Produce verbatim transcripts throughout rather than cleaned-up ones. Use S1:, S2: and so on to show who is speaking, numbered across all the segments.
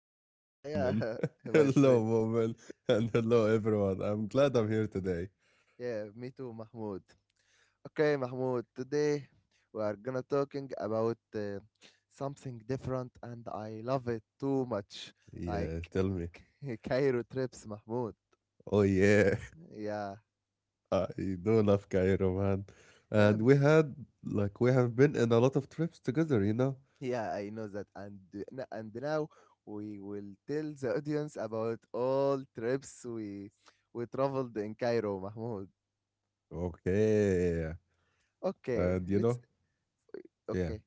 S1: about that
S2: Yeah,
S1: moment.
S2: yeah, my
S1: Hello,
S2: friend.
S1: woman, and hello, everyone. I'm glad I'm here today.
S2: Yeah, me too, Mahmoud. Okay, Mahmoud, today we are gonna talking about uh, something different and I love it too much.
S1: Yeah,
S2: Like
S1: tell me.
S2: Cairo trips, Mahmoud.
S1: Oh yeah,
S2: Yeah.
S1: I do love Cairo, man. And
S2: Yeah,
S1: we had, like, we have been in a lot of trips together, you know.
S2: yeah, I know that. And n- and now we will tell the audience about all trips we we traveled in Cairo, Mahmoud.
S1: Okay,
S2: Okay,
S1: and you
S2: let's
S1: know, yeah.
S2: okay,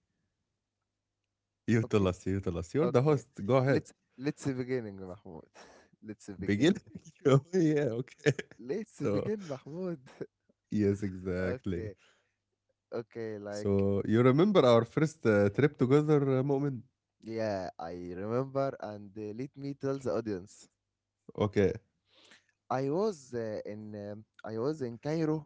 S1: You tell
S2: okay,
S1: us. You tell us. You're the
S2: okay.
S1: host. Go ahead.
S2: Let's let's beginning, Mahmoud. Let's
S1: Begin.
S2: beginning.
S1: Oh yeah. Okay.
S2: Let's
S1: So
S2: begin, Mahmoud.
S1: yes, exactly.
S2: Okay, okay, like
S1: So you remember our first uh, trip together, uh, Moment?
S2: yeah, I remember and uh, let me tell the audience.
S1: Okay,
S2: I was uh, in um, I was in Cairo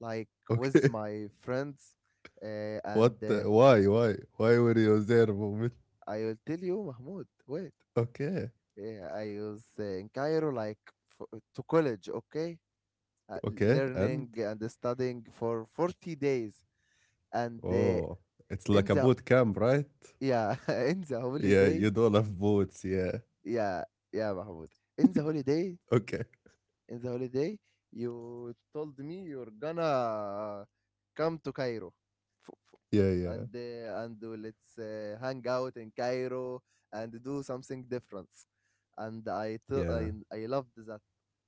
S2: like with
S1: okay.
S2: my friends uh, and
S1: What?
S2: uh,
S1: uh, Why? Why? Why were you there, moment?
S2: I will tell you, Mahmoud. Wait.
S1: Okay,
S2: Yeah, I was uh, in Cairo, like for, to college, okay? Uh,
S1: okay. And
S2: learning and studying for forty days. And uh,
S1: oh, it's
S2: in
S1: like a
S2: the,
S1: boot camp, right?
S2: yeah, in the
S1: Yeah,
S2: holiday,
S1: you don't have boots. Yeah.
S2: yeah, yeah, Mahmoud. In the holiday,
S1: Okay.
S2: in the holiday, you told me you're gonna come to Cairo F- f-
S1: Yeah, yeah,
S2: and uh, and let's uh, hang out in Cairo and do something different. And I t-
S1: yeah,
S2: I, I loved that.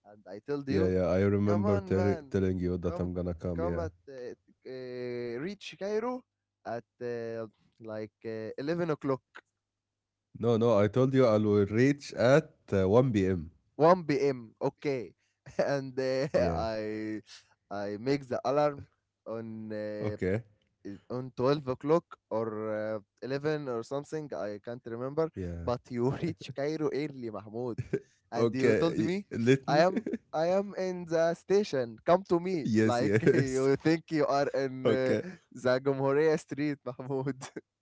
S2: And I told
S1: yeah,
S2: you,
S1: yeah. I
S2: come
S1: remember
S2: on,
S1: tell
S2: man,
S1: telling you that
S2: come
S1: I'm gonna come.
S2: come
S1: Yeah.
S2: at uh, uh, reach Cairo at uh, like uh, eleven o'clock.
S1: No, no. I told you I will reach at uh, one p m.
S2: one p m. Okay, and uh,
S1: Yeah.
S2: I I make the alarm on uh,
S1: Okay.
S2: i- on twelve o'clock or uh, eleven or something. I can't remember.
S1: Yeah.
S2: But you reach Cairo early, Mahmoud, and you told
S1: Okay.
S2: me
S1: y- Let
S2: I
S1: me.
S2: am. I am in the station. Come to me.
S1: Yes.
S2: Like
S1: Yes.
S2: you think you are in uh,
S1: Okay.
S2: the Gomhorea Street, Mahmoud.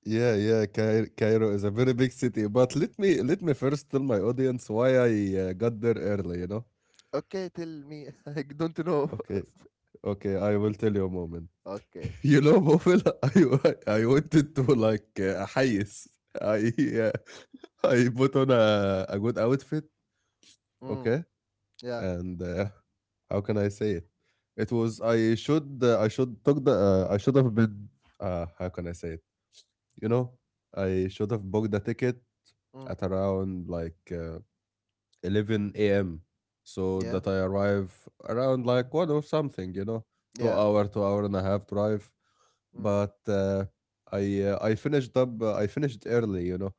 S1: Yeah, yeah, Cai Cairo is a very big city, but let me let me first tell my audience why I uh, got there early, you know?
S2: Okay, tell me. I don't know.
S1: Okay, okay, I will tell you a moment.
S2: Okay.
S1: You know, Mofil, I wa- I wanted to like, uh, حيز. I uh, I put on a, a good outfit,
S2: Mm,
S1: okay?
S2: yeah.
S1: And uh, how can I say it? It was I should uh, I should took the uh, I should have been uh, how can I say it? You know, I should have booked the ticket
S2: Mm,
S1: at around like, uh, eleven a m. So
S2: yeah.
S1: that I arrive around like one or something, you know, two
S2: Yeah.
S1: hour, two hour and a half drive.
S2: Mm.
S1: But uh, I uh, I finished up. Uh, I finished early, you know.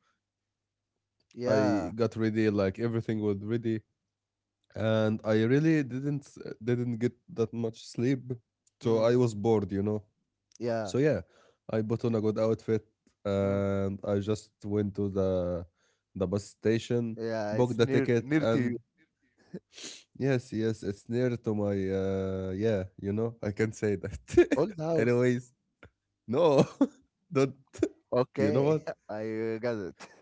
S1: I
S2: Yeah.
S1: got ready, like everything was ready, and I really didn't s- didn't get that much sleep, so
S2: Mm.
S1: I was bored, you know.
S2: Yeah.
S1: So yeah, I put on a good outfit,
S2: Mm.
S1: and I just went to the the bus station,
S2: Yeah.
S1: booked
S2: It's
S1: the
S2: near
S1: ticket,
S2: near to you.
S1: and yes, yes, it's near to my uh yeah, you know, I can say that.
S2: Old house.
S1: Anyways, no. Don't you know
S2: Okay.
S1: what?
S2: I uh, got it.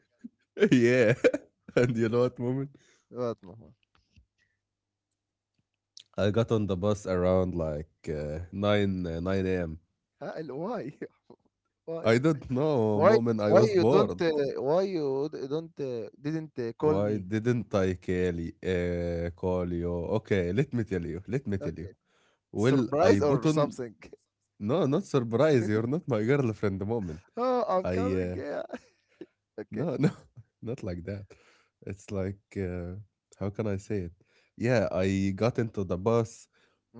S1: Yeah. And you know what, moment?
S2: What Mahmoud?
S1: I got on the bus around like, uh, nine uh, nine a m.
S2: Huh, and why? Why?
S1: I don't know,
S2: Why?
S1: moment, I
S2: Why
S1: was
S2: you don't?
S1: bored.
S2: Uh, why you d- don't? Uh, didn't uh, call
S1: Why
S2: me?
S1: didn't I call y- uh, call you? Okay, let me tell you. Let me tell you.
S2: Okay.
S1: Well,
S2: Surprise
S1: I
S2: or
S1: put on
S2: something?
S1: no, not surprise. You're not my girlfriend. The moment,
S2: Oh, I'm
S1: I
S2: coming.
S1: uh,
S2: Yeah. Okay.
S1: no, no, not like that. It's like, uh, how can I say it? Yeah, I got into the bus.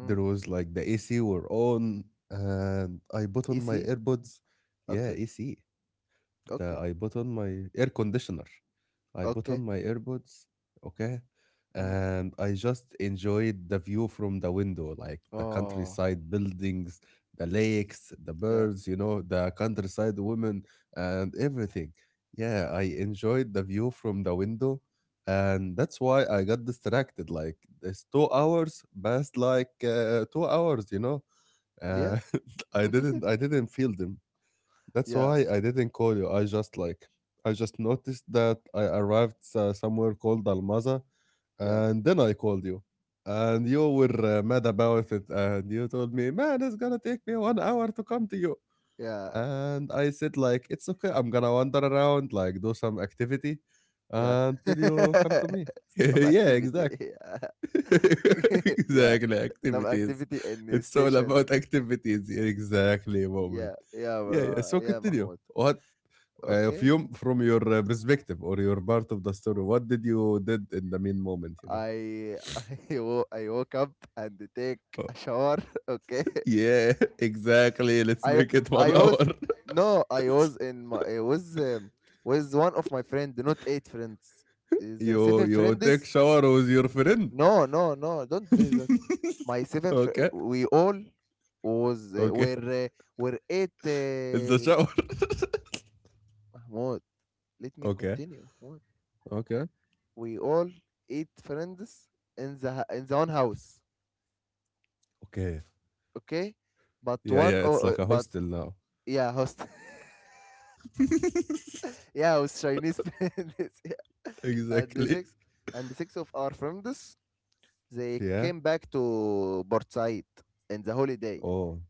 S1: There was like the A C were on, and I put on my
S2: Easy.
S1: AirPods. Yeah,
S2: Okay.
S1: A C. The
S2: Okay.
S1: I put on my air conditioner. I put on
S2: Okay.
S1: my earbuds, okay?
S2: Mm.
S1: And I just enjoyed the view from the window, like the
S2: Oh.
S1: countryside buildings, the lakes, the
S2: Yeah.
S1: birds, you know, the countryside women, and everything. Yeah, I enjoyed the view from the window. And that's why I got distracted. Like, this two hours passed like, uh, two hours, you know?
S2: Yeah.
S1: Uh, I didn't, I didn't feel them. That's
S2: Yeah.
S1: why I didn't call you. I just like I just noticed that I arrived uh, somewhere called Almaza,
S2: Yeah.
S1: and then I called you, and you were uh, mad about it, and you told me, "Man, it's gonna take me one hour to come to you,"
S2: Yeah.
S1: and I said, "Like, it's okay. I'm gonna wander around, like do some activity,
S2: Yeah.
S1: until you come to me."
S2: Some
S1: Yeah,
S2: activity.
S1: exactly.
S2: Yeah. yeah.
S1: Exactly.
S2: Some
S1: Activities.
S2: activity in the
S1: It's all
S2: station.
S1: about activities. Exactly, moment.
S2: Yeah. Yeah,
S1: Yeah, yeah.
S2: bro.
S1: So
S2: Yeah,
S1: continue.
S2: Mahmoud.
S1: What uh, if
S2: Okay.
S1: you... from your uh, perspective or your part of the story, what did you did in the main moment? You know.
S2: I I, wo- I woke up and take
S1: Oh,
S2: a shower. Okay.
S1: yeah, exactly. Let's
S2: I
S1: make it one
S2: I
S1: hour.
S2: was no, I was in my I was um, with one of my friend, not eight friends. Is uh,
S1: you
S2: seven
S1: you take
S2: friends?
S1: shower with your friend.
S2: No, no, no. Don't do that. My seven fr-
S1: Okay,
S2: we all was uh,
S1: okay.
S2: were uh, were eight.
S1: It's the shower.
S2: uh, Let me
S1: Okay,
S2: continue. What?
S1: okay,
S2: We all eight friends in the h- in the one house,
S1: okay.
S2: okay? But
S1: Yeah,
S2: one
S1: yeah. It's
S2: oh,
S1: like
S2: uh,
S1: a
S2: but
S1: hostel now.
S2: yeah, host. Yeah, host Chinese friends. Yeah. And the
S1: Exactly.
S2: six and the six of our friends they
S1: Yeah.
S2: came back to Port Said in the holiday,
S1: Oh,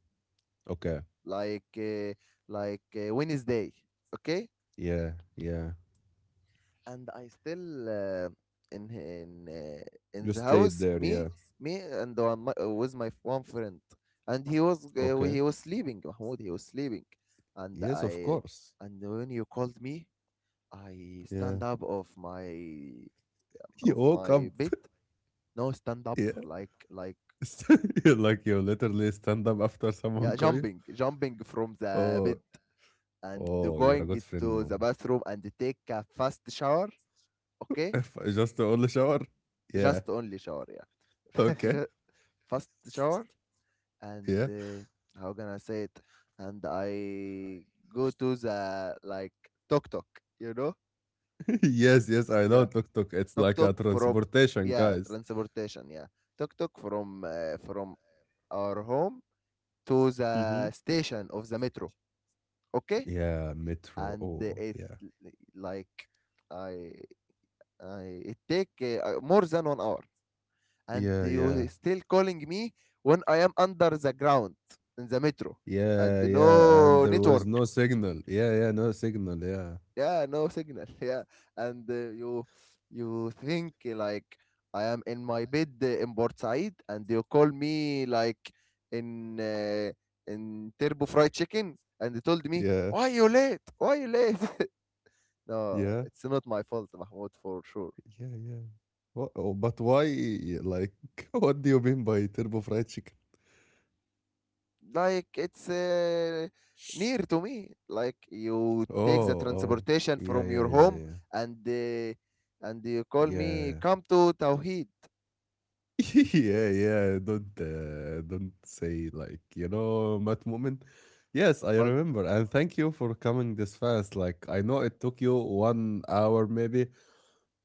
S1: okay.
S2: like uh, like uh, Wednesday, okay?
S1: Yeah, yeah.
S2: And I still uh, in in uh, in
S1: You
S2: the
S1: stayed
S2: house,
S1: there.
S2: me
S1: Yeah.
S2: me and one, my, uh, with my one friend, and he was uh,
S1: Okay.
S2: he was sleeping, Mahmoud, he was sleeping. and
S1: Yes, of
S2: I
S1: course.
S2: and when you called me, I
S1: Yeah.
S2: stand up of my
S1: You
S2: of
S1: woke up.
S2: my bed. No stand up
S1: Yeah.
S2: like like
S1: You're like you literally stand up after someone
S2: Yeah,
S1: call you.
S2: jumping jumping from the
S1: Oh,
S2: bed and
S1: oh, you're a
S2: going
S1: good friend,
S2: to the
S1: mom.
S2: bathroom and take a fast shower. Okay,
S1: If I just only shower. Yeah.
S2: just only shower yeah.
S1: Okay.
S2: Ju- fast shower. And
S1: Yeah.
S2: uh, how can I say it? And I go to the, like, Tok Tok, you know?
S1: Yes. Yes. I know
S2: Yeah,
S1: tuk tuk. It's
S2: Tok
S1: like a
S2: Tok from
S1: transportation,
S2: yeah,
S1: guys.
S2: transportation. Yeah, Tok Tok from uh, from our home to
S1: Hmm.
S2: the station of the metro. Okay,
S1: Yeah. Metro.
S2: and uh,
S1: Oh,
S2: it
S1: yeah.
S2: l- like, I I, it take uh, uh, more than one hour, and
S1: Yeah. Yeah.
S2: you still calling me when I am under the ground in the metro and
S1: Yeah. Yeah. And
S2: no
S1: there was
S2: network.
S1: no signal. Yeah. Yeah. No signal. Yeah.
S2: Yeah, no signal. Yeah. And uh, you, you think, uh, like, I am in my bed uh, in Port Said, and you call me like in uh, in Turbo Fried Chicken, and they told me,
S1: Yeah.
S2: why you late, why you late? No,
S1: Yeah.
S2: it's not my fault, Mahmoud, for sure.
S1: Yeah. Yeah. What? Oh, but why? Like, what do you mean by turbo fried chicken?
S2: Like, it's uh, near to me. Like, you
S1: Oh,
S2: take the
S1: oh,
S2: transportation
S1: yeah,
S2: from
S1: yeah,
S2: your
S1: yeah,
S2: home,
S1: yeah.
S2: and uh, and you call me,
S1: Yeah.
S2: come to Tawheed.
S1: Yeah, yeah, don't, uh, don't say, like, you know, that, moment. Yes, I
S2: But
S1: remember, and thank you for coming this fast. Like, I know it took you one hour maybe.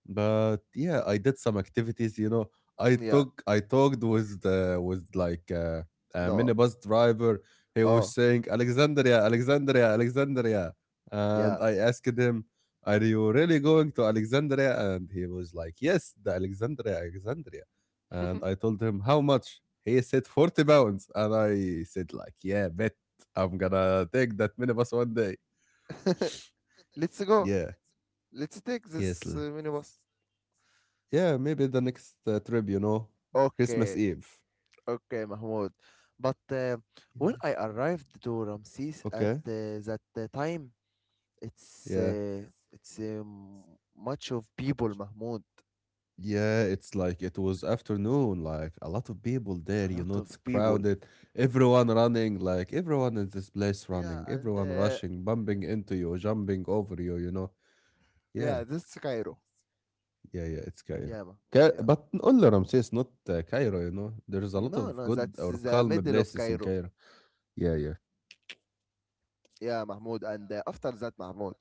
S1: But yeah, I did some activities, you know. I
S2: yeah,
S1: talk I talked with the with like, uh, a
S2: no.
S1: minibus driver. He was
S2: Oh.
S1: saying, "Alexandria, Alexandria, Alexandria." And
S2: Yeah.
S1: I asked him, "Are you really going to Alexandria?" And he was like, "Yes, the Alexandria, Alexandria." And I told him, "How much?" He said forty pounds. And I said, like, "Yeah, bet, I'm gonna take that minibus one day."
S2: Let's go.
S1: Yeah.
S2: Let's take
S1: Yes.
S2: this uh, minibus.
S1: Yeah, maybe the next uh, trip, you know, Christmas
S2: Okay.
S1: Eve.
S2: Okay, Mahmoud. But uh, when I arrived to Ramses at
S1: Okay.
S2: uh, that uh, time, it's
S1: Yeah.
S2: uh, it's um, much of people, Mahmoud.
S1: Yeah, it's like it was afternoon, like a lot of people there,
S2: A
S1: you
S2: lot
S1: know, it's
S2: of people.
S1: crowded, everyone running, like everyone in this place
S2: Yeah,
S1: running,
S2: and
S1: everyone
S2: uh,
S1: rushing, bumping into you, jumping over you, you know. Yeah,
S2: yeah, that's Cairo.
S1: yeah, yeah, it's Cairo.
S2: Yeah, Mah-
S1: Ca-
S2: yeah.
S1: but only Ramses, not uh, Cairo, you know. There's a lot
S2: No,
S1: of
S2: no,
S1: good
S2: that's
S1: or
S2: the
S1: calm
S2: middle of
S1: places in
S2: Cairo.
S1: Cairo. Yeah, yeah.
S2: Yeah, Mahmoud. And uh, after that, Mahmoud,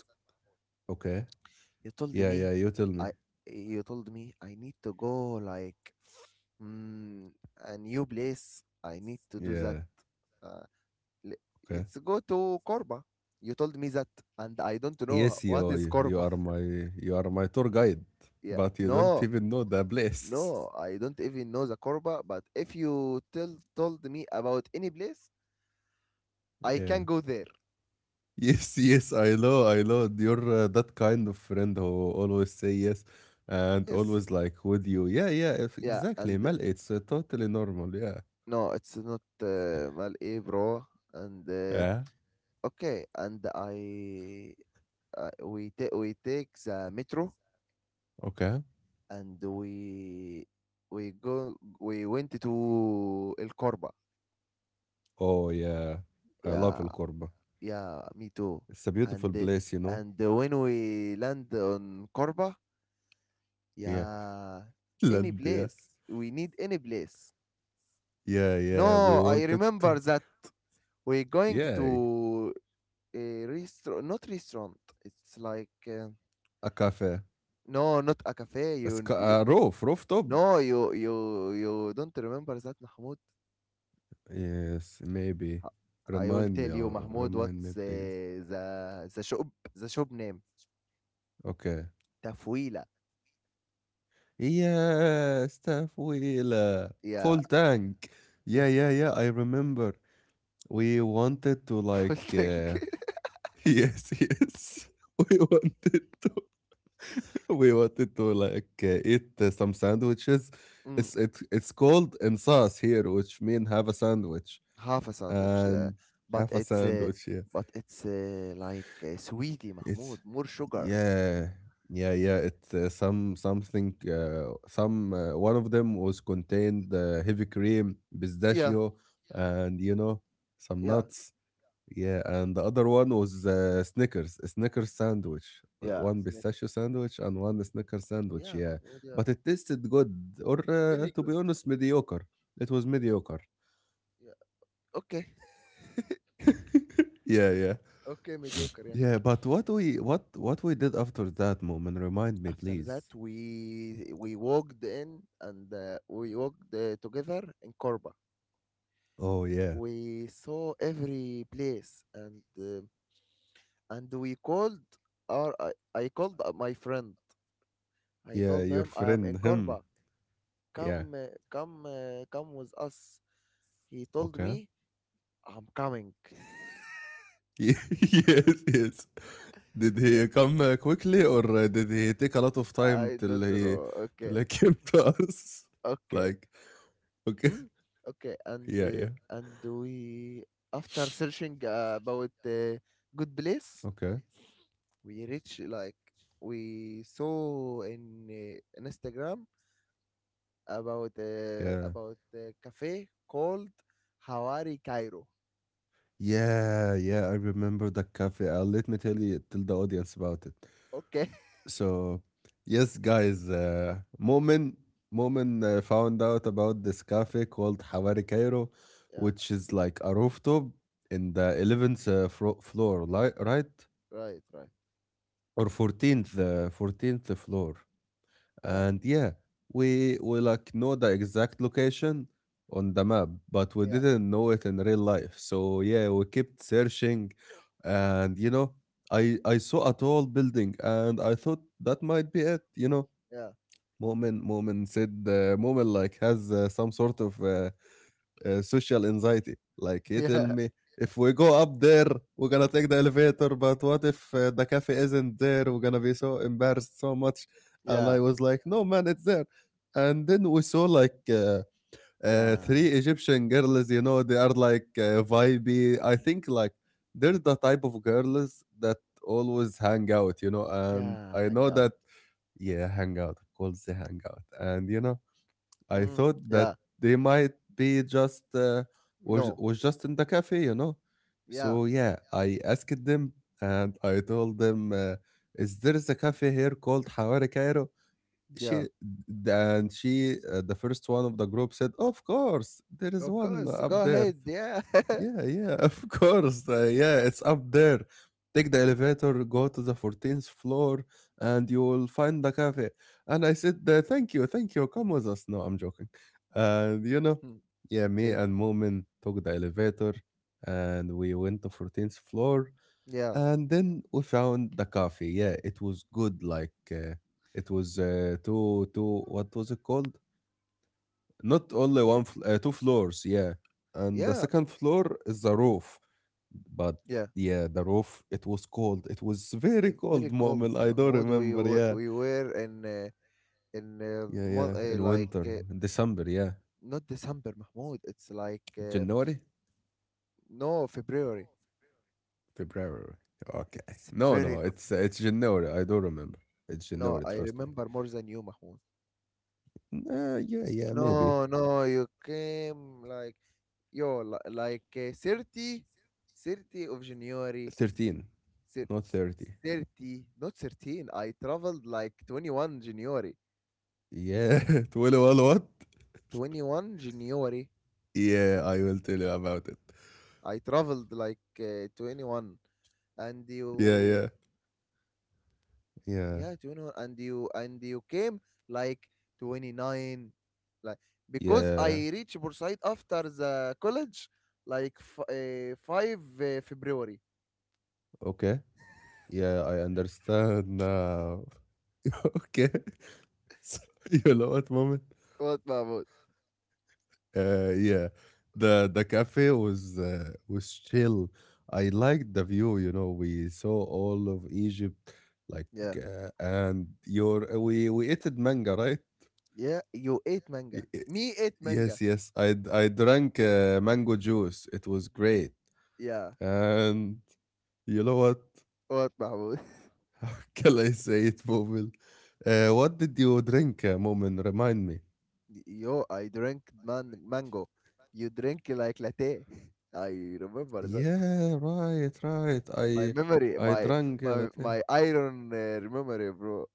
S1: Okay.
S2: you told
S1: Yeah,
S2: me
S1: yeah, you tell me.
S2: i you told me I need to go, like, mm, a new place, I need to do that.
S1: Yeah,
S2: uh, le-
S1: okay.
S2: let's go to Corba. You told me that, and I don't know
S1: Yes,
S2: what
S1: you
S2: is
S1: you you
S2: Corba.
S1: are my you are my tour guide,
S2: Yeah,
S1: but you don't
S2: no,
S1: even know the place.
S2: no, I don't even know the Corba. But if you tell told me about any place, I
S1: Yeah.
S2: can go there.
S1: Yes, yes, I know, I know. You're uh, that kind of friend who always say yes and
S2: Yes,
S1: always like with you. Yeah, yeah, if-
S2: yeah.
S1: exactly.
S2: And
S1: Mal, it's uh, totally normal. Yeah.
S2: no, it's not uh, mal eh, bro. And uh,
S1: Yeah.
S2: okay, and I uh, we take we take the metro,
S1: Okay.
S2: and we we go we went to El Corba.
S1: Oh yeah, I love
S2: Yeah,
S1: El Corba.
S2: yeah, me too.
S1: It's a
S2: And
S1: beautiful
S2: uh,
S1: place, you know.
S2: and uh, when we land on Corba,
S1: Yeah.
S2: yeah, any
S1: Land, yeah.
S2: place we need, any place.
S1: Yeah, yeah. We
S2: No, I
S1: wanted
S2: remember
S1: to.
S2: that we're going
S1: Yeah,
S2: to a restaurant, not restaurant. It's like uh,
S1: a cafe,
S2: no, not a cafe.
S1: a,
S2: You
S1: sc-
S2: you
S1: a roof, rooftop.
S2: No, you you you don't remember that, Mahmoud.
S1: Yes, maybe.
S2: Uh, I will
S1: Remind
S2: tell
S1: me,
S2: you,
S1: Omar.
S2: Mahmoud,
S1: Remind me,
S2: what's uh,
S1: please.
S2: the the shop the shop name?
S1: Okay.
S2: Tafwila.
S1: Yes, تفويلة.
S2: Yeah,
S1: Full tank. Yeah, yeah, yeah. I remember. We wanted to,
S2: full
S1: like. Uh...
S2: tank.
S1: Yes, yes. We wanted to. We wanted to like, uh, eat, uh, some sandwiches.
S2: Mm,
S1: It's it, it's called insas here, which mean have a sandwich
S2: half a sandwich. Yeah,
S1: and
S2: but
S1: have a
S2: it's uh,
S1: sandwich. Yeah.
S2: but it's uh, like uh, sweetie,
S1: It's
S2: Mahmoud. More sugar.
S1: Yeah, yeah, yeah. It's uh, some something. Uh, some uh, one of them was contained uh, heavy cream,
S2: Yeah,
S1: pistachio, and you know, some
S2: yeah,
S1: nuts. Yeah, and the other one was uh, Snickers, a Snickers sandwich, uh,
S2: yeah.
S1: one
S2: Snickers.
S1: pistachio sandwich and one Snickers sandwich.
S2: Yeah,
S1: Yeah,
S2: Mahmoud. Yeah,
S1: but it tasted good, or, uh,
S2: very
S1: to be
S2: good.
S1: honest, mediocre. It was mediocre.
S2: Yeah. Okay.
S1: Yeah, yeah,
S2: Okay, mediocre. Yeah.
S1: yeah. But what we what what we did after that moment? Remind me,
S2: After
S1: please.
S2: that, we we walked in, and uh, we walked uh, together in Corba.
S1: Oh yeah.
S2: We saw every place, and uh, and we called our I, I called uh, my friend. I
S1: Yeah,
S2: told
S1: your
S2: him I am
S1: friend,
S2: in
S1: him.
S2: Korba,
S1: Yeah.
S2: come uh, come uh, come with us. He told
S1: Okay.
S2: me, I'm coming.
S1: Yes, yes. Did
S2: Yeah,
S1: he come uh, quickly, or uh, did he take a lot of time
S2: I
S1: till
S2: don't
S1: he
S2: know.
S1: till
S2: Okay.
S1: he came to us?
S2: Okay.
S1: Like, okay.
S2: Mm? Okay. And
S1: Yeah,
S2: uh,
S1: yeah.
S2: and we after searching uh, about uh, good place,
S1: Okay.
S2: we reach, like, we saw in uh, Instagram about uh,
S1: Yeah.
S2: about a cafe called Hawari Cairo.
S1: Yeah, yeah. I remember the cafe. Uh, let me tell you, tell the audience about it.
S2: Okay.
S1: So, yes, guys, uh, Momin Momin uh, found out about this cafe called Hawari Cairo,
S2: Yeah.
S1: which is like a rooftop in the eleventh uh, fro- floor, li- right?
S2: Right. Right.
S1: Or fourteenth, uh, fourteenth floor.
S2: Yeah.
S1: And yeah, we we like know the exact location on the map, but we
S2: Yeah.
S1: didn't know it in real life. So yeah, we kept searching, and you know, I I saw a tall building, and I thought that might be it, you know.
S2: Yeah.
S1: Mu'min Mu'min said, uh, Mu'min like has uh, some sort of uh, uh, social anxiety. Like, he tell
S2: Yeah.
S1: me, if we go up there, we're gonna take the elevator. But what if uh, the cafe isn't there? We're gonna be so embarrassed so much. And
S2: Yeah.
S1: I was like, "No man, it's there." And then we saw like, uh, uh,
S2: Yeah.
S1: three Egyptian girls. You know, they are like, uh, vibey. I think like they're the type of girls that always hang out. You know, and
S2: Yeah.
S1: I know
S2: Hangout.
S1: that, yeah, hangout, of course, the hangout. And you know, I
S2: Mm.
S1: thought that
S2: Yeah.
S1: they might be just uh, was
S2: No.
S1: was just in the cafe, you know.
S2: Yeah.
S1: So yeah, I asked them, and I told them, uh, "Is there is a cafe here called Hawari Cairo?"
S2: Yeah.
S1: She and she, uh, the first one of the group, said, "Of course, there is
S2: Of
S1: one
S2: course. Go
S1: up there."
S2: ahead. Yeah.
S1: Yeah, yeah, of course. Uh, yeah, it's up there. Take the elevator, go to the fourteenth floor, and you will find the cafe. And I said, uh, "Thank you, thank you. Come with us." No, I'm joking. And, you know,
S2: Hmm.
S1: yeah, me
S2: Yeah.
S1: and Moomin took the elevator and we went to fourteenth floor.
S2: Yeah.
S1: And then we found the cafe. Yeah, it was good. Like, uh, it was uh, two, two, what was it called? Not only
S2: Yeah.
S1: one, fl- uh, two floors, yeah. And the
S2: Yeah.
S1: second floor is the
S2: Mm.
S1: roof. But
S2: Yeah.
S1: yeah, the roof, it was cold. It was very
S2: It's
S1: cold,
S2: very cold,
S1: Mu'min. I don't
S2: Mahmoud. We
S1: remember.
S2: w-
S1: Yeah.
S2: we were in uh, in uh,
S1: Yeah,
S2: mon-
S1: yeah.
S2: uh,
S1: In
S2: like
S1: winter,
S2: uh,
S1: in December, yeah.
S2: not December, Mahmoud. It's like uh,
S1: January?
S2: no, February.
S1: February. Okay.
S2: It's
S1: No, no,
S2: very co-
S1: it's uh, it's January. I don't remember. It's
S2: no,
S1: January,
S2: I
S1: trust me.
S2: remember more than you, Mahmoud.
S1: Uh, yeah, yeah, maybe.
S2: No, no, you came like yo li- like uh, 30, thirty of January.
S1: thirteen,
S2: thir-
S1: not thirty.
S2: thirty, not thirteen. I traveled like twenty-one January.
S1: Yeah, twenty-one what?
S2: twenty-one January
S1: Yeah, I will tell you about it.
S2: I traveled like uh, twenty-one, and
S1: Yeah,
S2: you,
S1: yeah, yeah.
S2: yeah, twenty-one, and you, and you came like twenty-nine, like, because I
S1: Yeah.
S2: reached Bursaid after the college like f- uh, five uh, February.
S1: Okay. Yeah, I understand now. Okay. So you know what, moment?
S2: What, Mahmoud?
S1: Uh, yeah. The the cafe was uh, was chill. I liked the view. You know, we saw all of Egypt, like,
S2: Yeah,
S1: uh, and your uh, we we ate manga, right?
S2: yeah, you ate
S1: Y-
S2: manga,
S1: y-
S2: me ate
S1: Yes,
S2: manga.
S1: yes. I d- I drank uh, mango juice. It was great.
S2: Yeah.
S1: And you know what?
S2: What, Mahmoud?
S1: How can I say it, Mumin? Uh, what did you drink, uh, Mumin? Remind me.
S2: Yo, I drank man- mango. You drink like latte. I remember that.
S1: Yeah, right, right.
S2: my
S1: I
S2: memory
S1: I
S2: my
S1: drank a
S2: my, my
S1: latte.
S2: iron uh, memory, bro.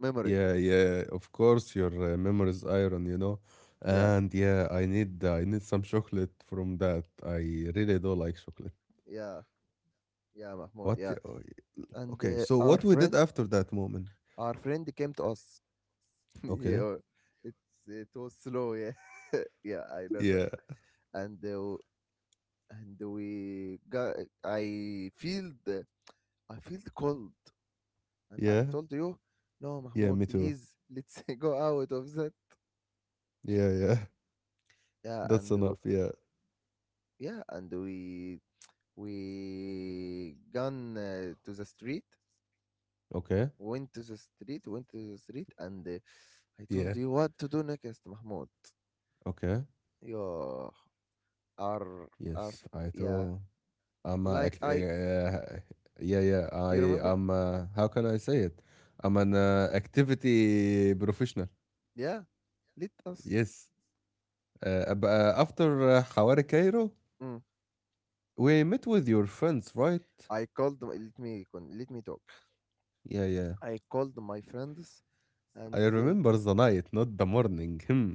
S2: Memory.
S1: Yeah, yeah, yeah. Of course, your uh, memory is iron, you know.
S2: Yeah.
S1: And yeah, I need uh, I need some chocolate from that. I really don't like chocolate.
S2: Yeah. Yeah, Mahmoud,
S1: What? The-
S2: yeah.
S1: oh, y-
S2: And
S1: Okay,
S2: uh,
S1: so
S2: our
S1: what we did
S2: friend
S1: after that, moment?
S2: our friend came to us.
S1: Okay.
S2: Yeah, it's it was slow, yeah. Yeah, I know that.
S1: Yeah.
S2: And uh, and we got I feel the I feel cold, and I
S1: Yeah.
S2: told you, no,
S1: Yeah.
S2: Mahmoud,
S1: Me too.
S2: please, let's go out of that.
S1: Yeah. Yeah.
S2: Yeah.
S1: That's
S2: And uh,
S1: enough. Yeah.
S2: yeah and we we gone uh, to the street
S1: Okay.
S2: went to the street, went to the street and uh, I
S1: Yeah.
S2: told you what to do next, Mahmoud.
S1: Okay.
S2: Yeah. Arf, arf,
S1: Yes, I
S2: yeah.
S1: do. I'm uh,
S2: Like
S1: act-
S2: I,
S1: uh, yeah, yeah.
S2: you
S1: I
S2: remember?
S1: am. Uh, how can I say it? I'm an uh, activity professional.
S2: Yeah, let us.
S1: Yes. Uh, ab- uh, after uh, Hawari Cairo,
S2: Mm.
S1: we met with your friends, right?
S2: I called. my- Let me con- let me talk.
S1: Yeah, yeah.
S2: I called my friends, and
S1: I
S2: they.
S1: remember the night, not the morning. Hmm.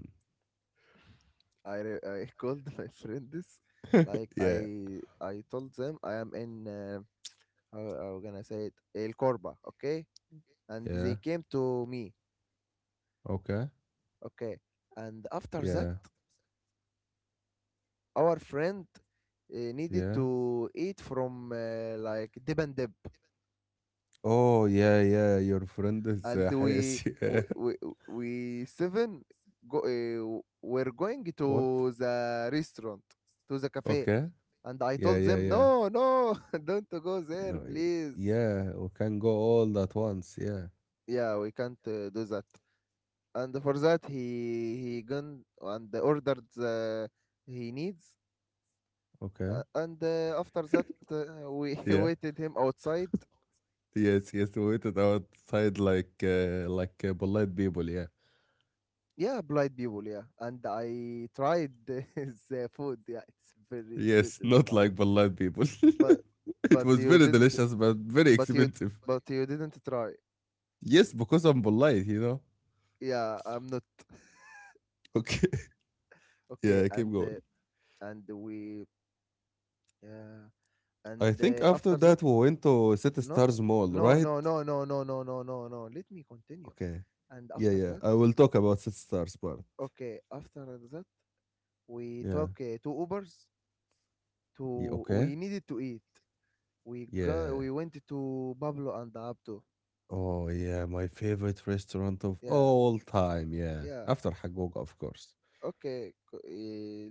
S2: I re- I called my friends, like,
S1: Yeah.
S2: I I told them I am in. Uh, how how gonna say it? El Corba, okay? And they
S1: Yeah.
S2: came to me,
S1: Okay.
S2: okay? And after that,
S1: Yeah.
S2: our friend uh, needed
S1: Yeah.
S2: to eat from uh, like Dip and Dip.
S1: Oh, yeah, yeah. Your friend is
S2: And
S1: uh,
S2: we
S1: Hayes. Yeah.
S2: we, we, we seven go, uh, were going
S1: What?
S2: to the restaurant, to the cafe.
S1: Okay.
S2: And I
S1: Yeah,
S2: told
S1: yeah,
S2: them,
S1: yeah.
S2: no, no, don't go there,
S1: No.
S2: please.
S1: Yeah, we can go all at once. Yeah.
S2: Yeah, we can't uh, do that. And for that, he he gone and ordered the, he needs.
S1: Okay.
S2: Uh, and uh, after that, uh, we
S1: Yeah.
S2: waited him outside.
S1: Yes, yes. We waited outside like uh, like uh, polite people. Yeah.
S2: Yeah, blind people, yeah. And I tried the food. Yeah, it's very
S1: Yes,
S2: delicious,
S1: not
S2: Mahmoud.
S1: like polite people.
S2: But
S1: It
S2: but
S1: was
S2: you
S1: very
S2: didn't
S1: delicious, but very
S2: but you
S1: expensive.
S2: but you didn't try.
S1: Yes, because I'm polite, you know.
S2: Yeah, I'm not.
S1: Okay.
S2: Okay,
S1: Yeah, keep
S2: and
S1: going.
S2: uh, and we yeah.
S1: I
S2: And uh,
S1: think after
S2: after that,
S1: that we went to City
S2: no
S1: Stars Mall,
S2: no
S1: right?
S2: no no no no no no no, no let me continue.
S1: Okay.
S2: And
S1: Yeah,
S2: after
S1: yeah.
S2: that,
S1: I will talk about City Stars part.
S2: okay, after that, we
S1: Yeah,
S2: took uh, two Ubers
S1: yeah.
S2: to,
S1: Okay.
S2: we needed to eat. We go
S1: Yeah.
S2: we went to Pablo and Abdo.
S1: Oh yeah, my favorite restaurant of
S2: Yeah.
S1: all time. Yeah,
S2: Yeah.
S1: after Hagoga, of course.
S2: Okay, c-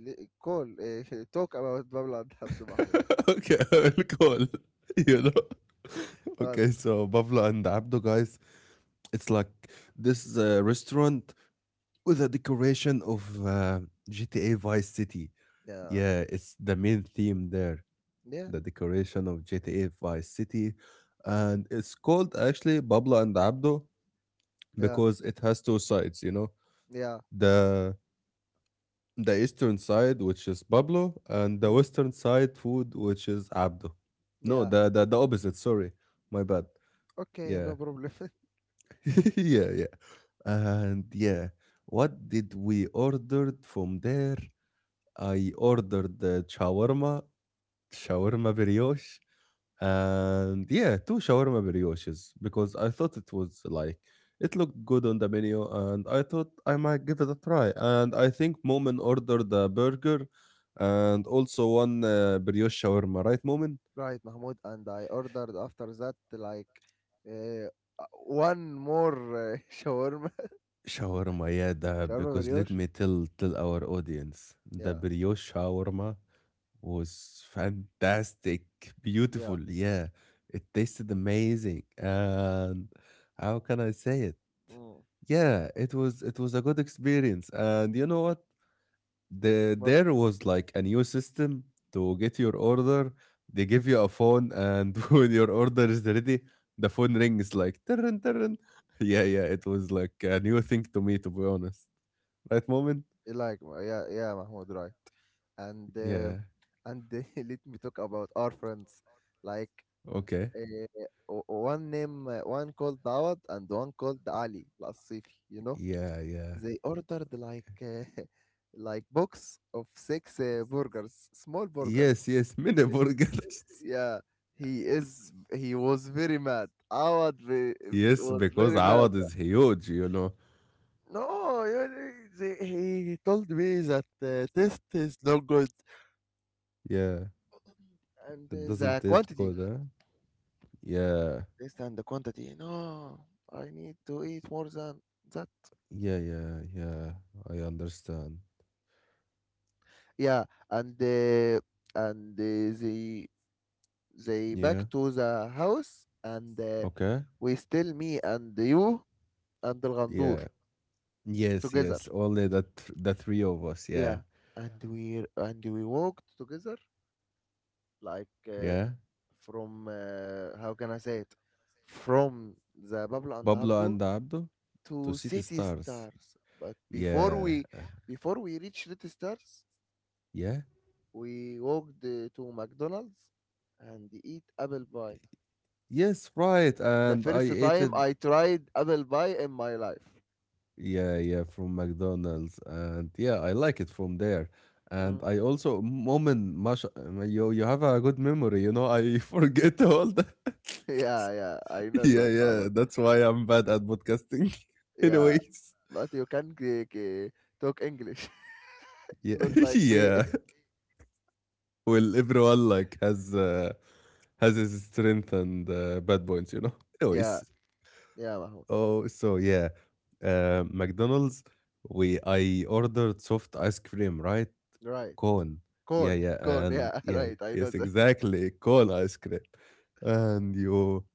S2: uh, call uh, talk about Pablo and Abdo, Mahmoud.
S1: Okay, I will call. You know?
S2: What?
S1: Okay, so Buffalo and Abdo, guys, it's like this is a restaurant with a decoration of uh, G T A Vice City.
S2: Yeah.
S1: Yeah, it's the main theme there,
S2: Yeah,
S1: the decoration of G T A Vice City. And it's called actually Babla and Abdo,
S2: yeah,
S1: because it has two sides, you know.
S2: yeah,
S1: The the eastern side, which is Pablo, and the
S2: mm,
S1: western side food, which is Abdo. No,
S2: yeah.
S1: the the, the opposite. Sorry, my bad.
S2: Okay,
S1: Yeah,
S2: no problem.
S1: yeah, yeah. And yeah, what did we ordered from there? I ordered the shawarma, shawarma brioche, and yeah, two shawarma brioches, because I thought it was like it looked good on the menu, and I thought I might give it a try. And I think Momin ordered the burger and also one uh, brioche shawarma, right, Momin?
S2: Right, Mahmoud, and I ordered after that like uh, uh, one more uh, shawarma,
S1: Shawarma, yeah, the,
S2: shawarma
S1: because let
S2: brioche.
S1: me tell tell our audience, the
S2: Yeah,
S1: brioche shawarma was fantastic, beautiful,
S2: yeah.
S1: yeah. It tasted amazing, and how can I say it?
S2: Mm.
S1: Yeah, it was it was a good experience. And you know what? The
S2: But
S1: there was like a new system to get your order. They give you a phone, and when your order is ready, the phone rings like turn turn. Yeah, yeah, it was like a new thing to me, to be honest. Right, moment?
S2: uh, like, uh, yeah, yeah, Mahmoud, right. And uh,
S1: Yeah.
S2: and let me talk about our friends, like
S1: Okay.
S2: uh, o- one name, uh, one called Dawad and one called Ali Al-Asifi. You know
S1: Yeah, yeah.
S2: they ordered like uh, like box of six uh, burgers, small burgers.
S1: Yes, yes, mini burgers.
S2: Yeah, he is he was very mad, Awad. Ve- ve-
S1: Yes,
S2: was
S1: because
S2: very mad.
S1: Awad is huge, you know.
S2: No you- they, He told me that uh, taste is not good,
S1: Yeah.
S2: and
S1: It
S2: uh,
S1: doesn't
S2: the
S1: taste good,
S2: quantity,
S1: huh? Yeah.
S2: taste and the quantity. No, I need to eat more than that.
S1: Yeah, yeah, yeah. I understand.
S2: Yeah. And uh, and uh, they they
S1: Yeah.
S2: back to the house, and uh,
S1: Okay.
S2: we still, me and you and the Gandur,
S1: Yeah. Yes,
S2: together.
S1: yes. Only the th the three of us. Yeah.
S2: Yeah, and we and we walked together, like uh,
S1: Yeah.
S2: from uh, how can I say it, from the Pablo and
S1: Pablo
S2: Abdo
S1: and Abdo to
S2: to
S1: City
S2: City
S1: Stars.
S2: Stars. But before
S1: Yeah.
S2: we
S1: uh,
S2: before we reach City Stars,
S1: Yeah.
S2: we walked uh, to McDonald's and eat apple pie.
S1: Yes, right.
S2: The
S1: And I
S2: first
S1: ate
S2: time
S1: it.
S2: I tried apple pie in my life.
S1: Yeah, yeah, from McDonald's. And yeah, I like it from there. And
S2: Mm.
S1: I also, moment, Mash, uh, you you have a good memory, you know. I forget all that.
S2: Yeah, yeah, I know
S1: Yeah,
S2: that,
S1: yeah.
S2: Ahmed.
S1: That's why I'm bad at podcasting.
S2: Yeah,
S1: Anyways.
S2: but you can g- g- talk English,
S1: Yeah,
S2: not like me.
S1: yeah. Well, everyone like has uh, has his strength and uh, bad points, you know.
S2: Yeah,
S1: Anyways,
S2: yeah, Mahmoud.
S1: oh, so yeah, uh, McDonald's. We I ordered soft ice cream, right?
S2: Right.
S1: Cone. Yeah,
S2: Cone,
S1: yeah,
S2: cone,
S1: and
S2: yeah,
S1: yeah, yeah,
S2: right, I know
S1: yes,
S2: that.
S1: exactly, cone ice cream. And you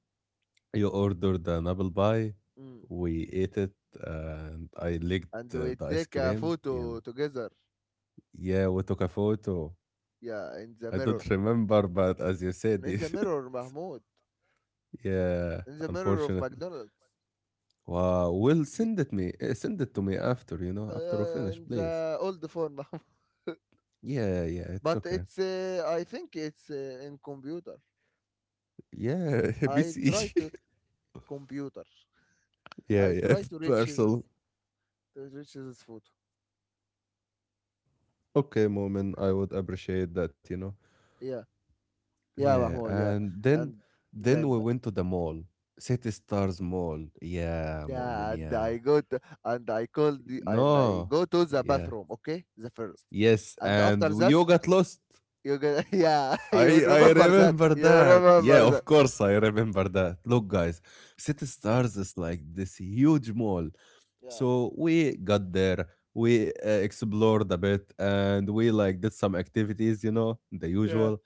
S1: you ordered an apple pie.
S2: Mm.
S1: We ate it, and I
S2: And
S1: licked uh,
S2: we
S1: the ice
S2: take a
S1: cream. Yeah,
S2: photo together,
S1: yeah. We took a photo.
S2: yeah, in the
S1: I
S2: mirror.
S1: don't remember, but as you said
S2: In
S1: it.
S2: the mirror, Mahmoud.
S1: Yeah,
S2: In the mirror of
S1: unfortunate.
S2: McDonald's.
S1: Wow, will
S2: Ni-
S1: send it me. eh, Send it to me after, you know, after we
S2: Uh,
S1: finish,
S2: in
S1: please.
S2: the old phone, Mahmoud.
S1: Yeah, yeah, it's
S2: But
S1: okay.
S2: it's, uh, I think it's uh, in computer.
S1: Yeah,
S2: I'll
S1: B C.
S2: try to, Computer.
S1: Yeah,
S2: I'll
S1: yeah,
S2: try to reach this,
S1: personal.
S2: to reach this photo.
S1: Okay, moment. I would appreciate that, you know.
S2: Yeah, yeah,
S1: Yeah,
S2: Mahmoud, yeah,
S1: and then,
S2: and
S1: then we
S2: then ba-
S1: went to the mall, City Stars Mall. Yeah,
S2: yeah,
S1: moment.
S2: and
S1: Yeah.
S2: I go to, and I call the and I
S1: No.
S2: go to the
S1: Yeah.
S2: bathroom. Okay, the first,
S1: Yes,
S2: and
S1: and
S2: after that
S1: you got lost.
S2: you go, yeah, you
S1: I I
S2: remember that,
S1: remember
S2: you
S1: that. Yeah,
S2: remember
S1: of
S2: that.
S1: course I remember that. Look, guys, City Stars is like this huge mall.
S2: Yeah,
S1: So we got there, we uh, explored a bit, and we like did some activities, you know, the
S2: yeah,
S1: usual.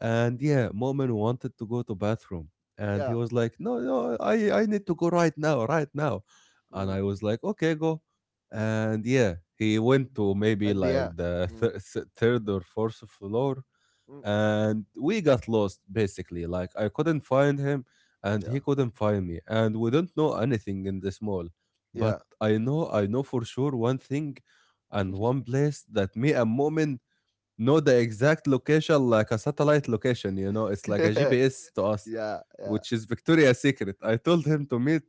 S1: And yeah, Mu'min wanted to go to bathroom, and he
S2: yeah,
S1: was like, no, no, I I need to go right now, right now. And
S2: mm.
S1: I was like, okay, go. And yeah, he went to maybe
S2: and
S1: like
S2: yeah,
S1: the
S2: mm.
S1: th- s- third or fourth floor.
S2: Mm.
S1: And we got lost basically, like I couldn't find him and he
S2: yeah,
S1: couldn't find me, and we don't know anything in this mall.
S2: yeah,
S1: But i know i know for sure one thing and one place that me and Momin, no, the exact location, like a satellite location, you know, it's like a G P S to us,
S2: yeah, yeah.
S1: which is Victoria's Secret. I told him to meet,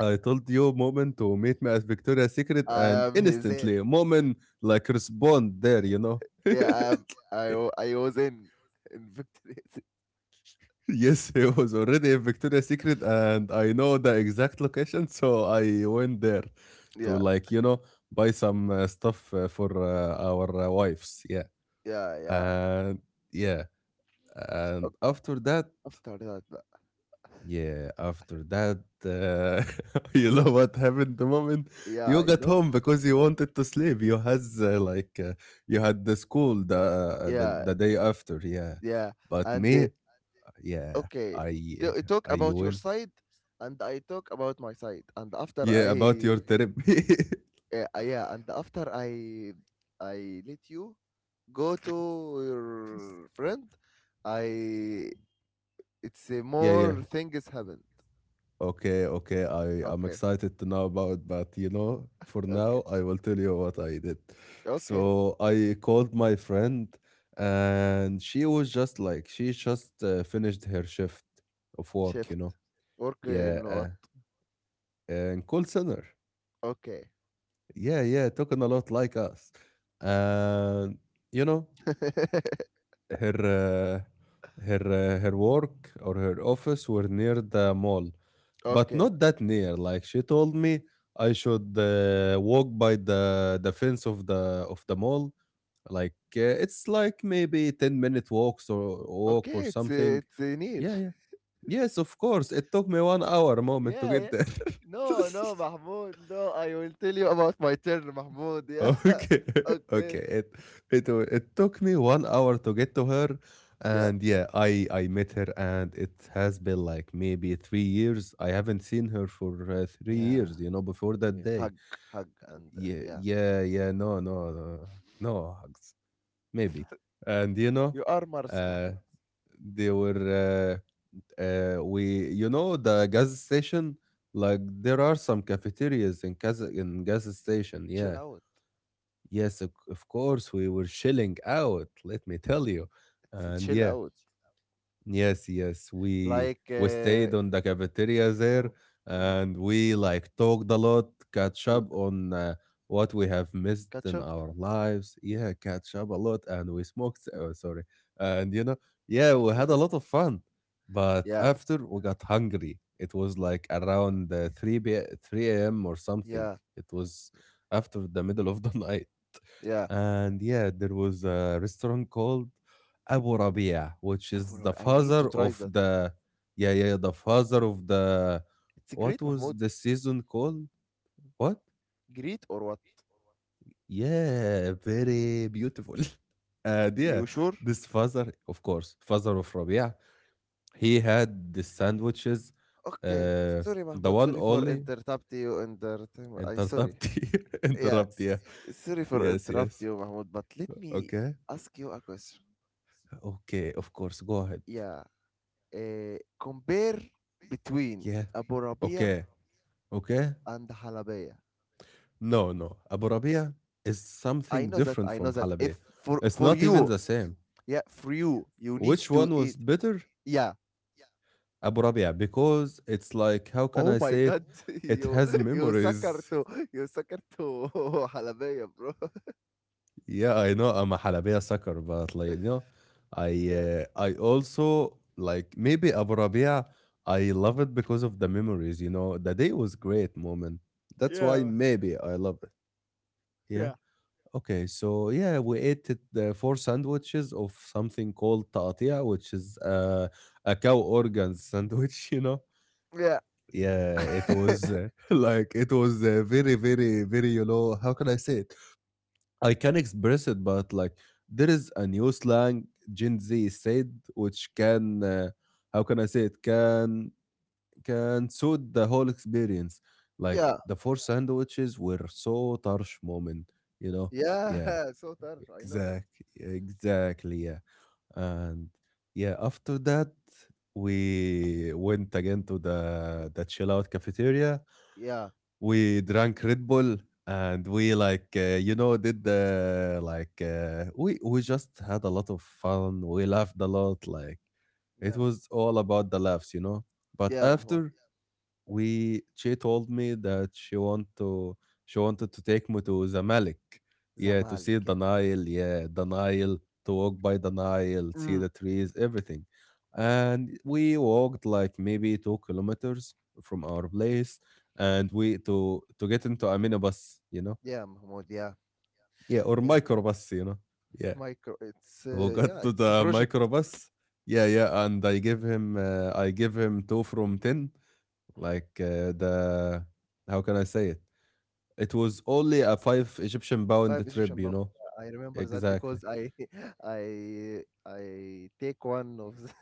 S1: I told you, Moment, to meet me at Victoria's Secret,
S2: I
S1: and
S2: am he- there.
S1: instantly, Moment, like, respond there, you know.
S2: Yeah, I am. I wa- I was in in victory.
S1: Yes, he was already in Victoria's Secret, and I know the exact location, so I went there to,
S2: Yeah,
S1: like, you know, buy some uh, stuff uh, for uh, our uh, wives. Yeah.
S2: yeah, yeah.
S1: And yeah. And
S2: Ok,
S1: after that,
S2: after that, ba-
S1: yeah, after that, uh, you know what happened the moment
S2: yeah,
S1: you
S2: I
S1: got
S2: know.
S1: home, because you wanted to sleep. You has uh, like uh, you had the school the, uh, the
S2: Yeah,
S1: the day after, yeah.
S2: yeah
S1: But
S2: and uh,
S1: me, yeah,
S2: okay t-
S1: I
S2: uh, talk
S1: I
S2: about your
S1: win.
S2: side and I talk about my side, and after
S1: Yeah,
S2: I,
S1: about your therapy.
S2: uh, uh, yeah, and after i i let you go to your friend. I It's uh,
S1: Yeah, yeah.
S2: more things happened.
S1: Okay, okay. I I'm
S2: Okay,
S1: excited to know about, but you know, for now,
S2: okay,
S1: I will tell you what I did.
S2: okay.
S1: So I called my friend, and she was just like she just uh, finished her shift of work, you
S2: Shift
S1: know.
S2: work
S1: Yeah,
S2: in what?
S1: uh, and call center.
S2: Okay.
S1: Yeah, yeah, talking a lot like us, and you know. her uh, her uh, her work or her office were near the mall, but
S2: Okay,
S1: not that near, like she told me i should uh, walk by the the fence of the of the mall. Like, uh, it's like maybe ten minute walks or walk or
S2: okay. It's
S1: something.
S2: uh, it's uh, near.
S1: Yeah, yeah, yes, of course it took me one hour, moment, to
S2: Yeah,
S1: get
S2: yeah.
S1: there.
S2: No, no, Mahmoud. No, I will tell you about my turn, Mahmoud. Yeah.
S1: Okay,
S2: Okay.
S1: okay. It it wa- it took me one hour to get to her,
S2: Yeah.
S1: and yeah, I I met her, and it has been like maybe three years. I haven't seen her for uh, three
S2: Yeah.
S1: years. You know, before that
S2: Yeah.
S1: day.
S2: Hug, hug, and uh,
S1: Yeah,
S2: yeah.
S1: yeah, yeah. No, no, no, no hugs. Maybe, and you know,
S2: You are Mars,
S1: uh,
S2: Mahmoud.
S1: they were uh, uh, we you know the gas station. Like there are some cafeterias in Kaz in gas station.
S2: Chill
S1: Yeah.
S2: out.
S1: Yes, of, of course, we were chilling out, let me tell you.
S2: It's a
S1: And
S2: chill
S1: yeah,
S2: out.
S1: yes, yes, we
S2: Like
S1: we
S2: uh,
S1: stayed on the cafeteria there,
S2: mm, mm,
S1: and we like talked a lot, catch
S2: l-
S1: up on uh, what we have missed in
S2: Ketchup.
S1: our lives. Yeah, catch up a lot, and we smoked, oh, sorry. And you know, yeah, we had a lot of fun. But
S2: Yeah.
S1: after we got hungry, it was like around uh, three p three a m or something.
S2: Yeah.
S1: It was after the middle of the night.
S2: Yeah.
S1: And yeah, there was a restaurant called Abu Rabia, which
S2: Abu
S1: is the
S2: Rabi, I need to
S1: father
S2: try
S1: of
S2: that.
S1: the — yeah, yeah, the father of the —
S2: It's
S1: what
S2: great,
S1: was
S2: Mahmoud.
S1: the season called? What?
S2: Great or what?
S1: Yeah, very beautiful. And yeah,
S2: You sure?
S1: this father, of course, father of Rabia, he had the sandwiches,
S2: Okay.
S1: uh,
S2: Sorry,
S1: the
S2: Mahmoud.
S1: one
S2: Sorry for
S1: only
S2: interrupting you. Inter- I sorry.
S1: interrupti,
S2: Yes.
S1: interrupt, yeah,
S2: Sorry for
S1: yes,
S2: interrupt
S1: yes,
S2: you, Mahmoud, but let me
S1: okay,
S2: ask you a question.
S1: okay, of course, go ahead,
S2: Yeah. Uh, compare between
S1: yeah,
S2: Abu Rabia
S1: okay, okay.
S2: and Halabaya.
S1: No, no. Abu Rabia is
S2: I
S1: something
S2: know that.
S1: different
S2: I know
S1: from
S2: that.
S1: Halabya.
S2: If for
S1: It's
S2: for
S1: not even
S2: you,
S1: the same.
S2: yeah, for you, you need
S1: Which
S2: to
S1: one was
S2: eat.
S1: better?
S2: Yeah.
S1: Abu Rabia, because it's like, how can
S2: Oh
S1: I
S2: my
S1: say it?
S2: God,
S1: It
S2: you
S1: has
S2: you sucker
S1: memories.
S2: to you sucker to Halabaya, bro.
S1: Yeah, I know I'm a Halabya sucker, but like, you know, I
S2: Yeah.
S1: uh, I also like maybe Abu Rabia. I love it because of the memories. You know, the day was great, moment. That's why
S2: Yeah,
S1: maybe I love it. Yeah.
S2: yeah.
S1: Okay, so yeah, we ate it, uh, four sandwiches of something called taqatia, which is uh, a cow organs sandwich, you know.
S2: Yeah.
S1: Yeah, it was uh, like it was uh, very, very, very, you know, how can I say it? I can express it, but like there is a new slang Gen Z said, which can, uh, how can I say it? Can can suit the whole experience. Like
S2: yeah.
S1: the four sandwiches were so tarsh moment, you know. Yeah.
S2: Yeah. So Tarsh, I know that.
S1: Exactly, exactly, yeah. And yeah, after that we went again to the the chill out cafeteria.
S2: Yeah.
S1: We drank Red Bull and we like uh, you know did the like uh, we we just had a lot of fun. We laughed a lot. Like it
S2: Yeah.
S1: was all about the laughs, you know. But
S2: Yeah, Mahmoud.
S1: after we she told me that she want to she wanted to take me to Zamalek, yeah, to see
S2: Zamalek.
S1: the Nile, yeah, the Nile, to walk by the Nile, see
S2: Mm,
S1: the trees, everything. And we walked like maybe two kilometers from our place, and we to to get into a minibus, you know,
S2: yeah, Mahmoud. Yeah,
S1: yeah, or
S2: yeah.
S1: microbus, you know, yeah.
S2: Micro. It's
S1: We
S2: uh,
S1: got
S2: yeah.
S1: to
S2: It's a
S1: the
S2: project.
S1: microbus, yeah, yeah, and I give him uh, I give him two from ten like uh, the how can I say it? It was only a five Egyptian pound
S2: Five
S1: trip,
S2: Egyptian
S1: you
S2: power.
S1: know.
S2: I remember that
S1: Exactly.
S2: because I I I take one of the.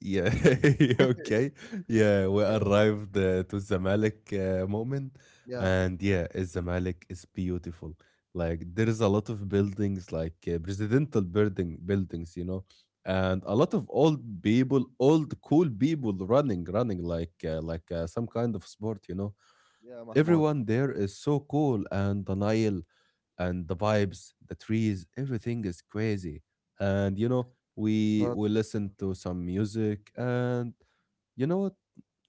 S1: Yeah. okay. Yeah, we
S2: Okay.
S1: arrived uh, to Zamalek uh, moment,
S2: Yeah.
S1: and yeah, Zamalek is beautiful. Like there is a lot of buildings, like uh, presidential building buildings, you know, and a lot of old people, old cool people running, running like uh, like uh, some kind of sport, you know.
S2: Yeah, Mahmoud.
S1: Everyone there is so cool, and the Nile and the vibes, the trees, everything is crazy. And you know, we
S2: What?
S1: we listen to some music, and you know what?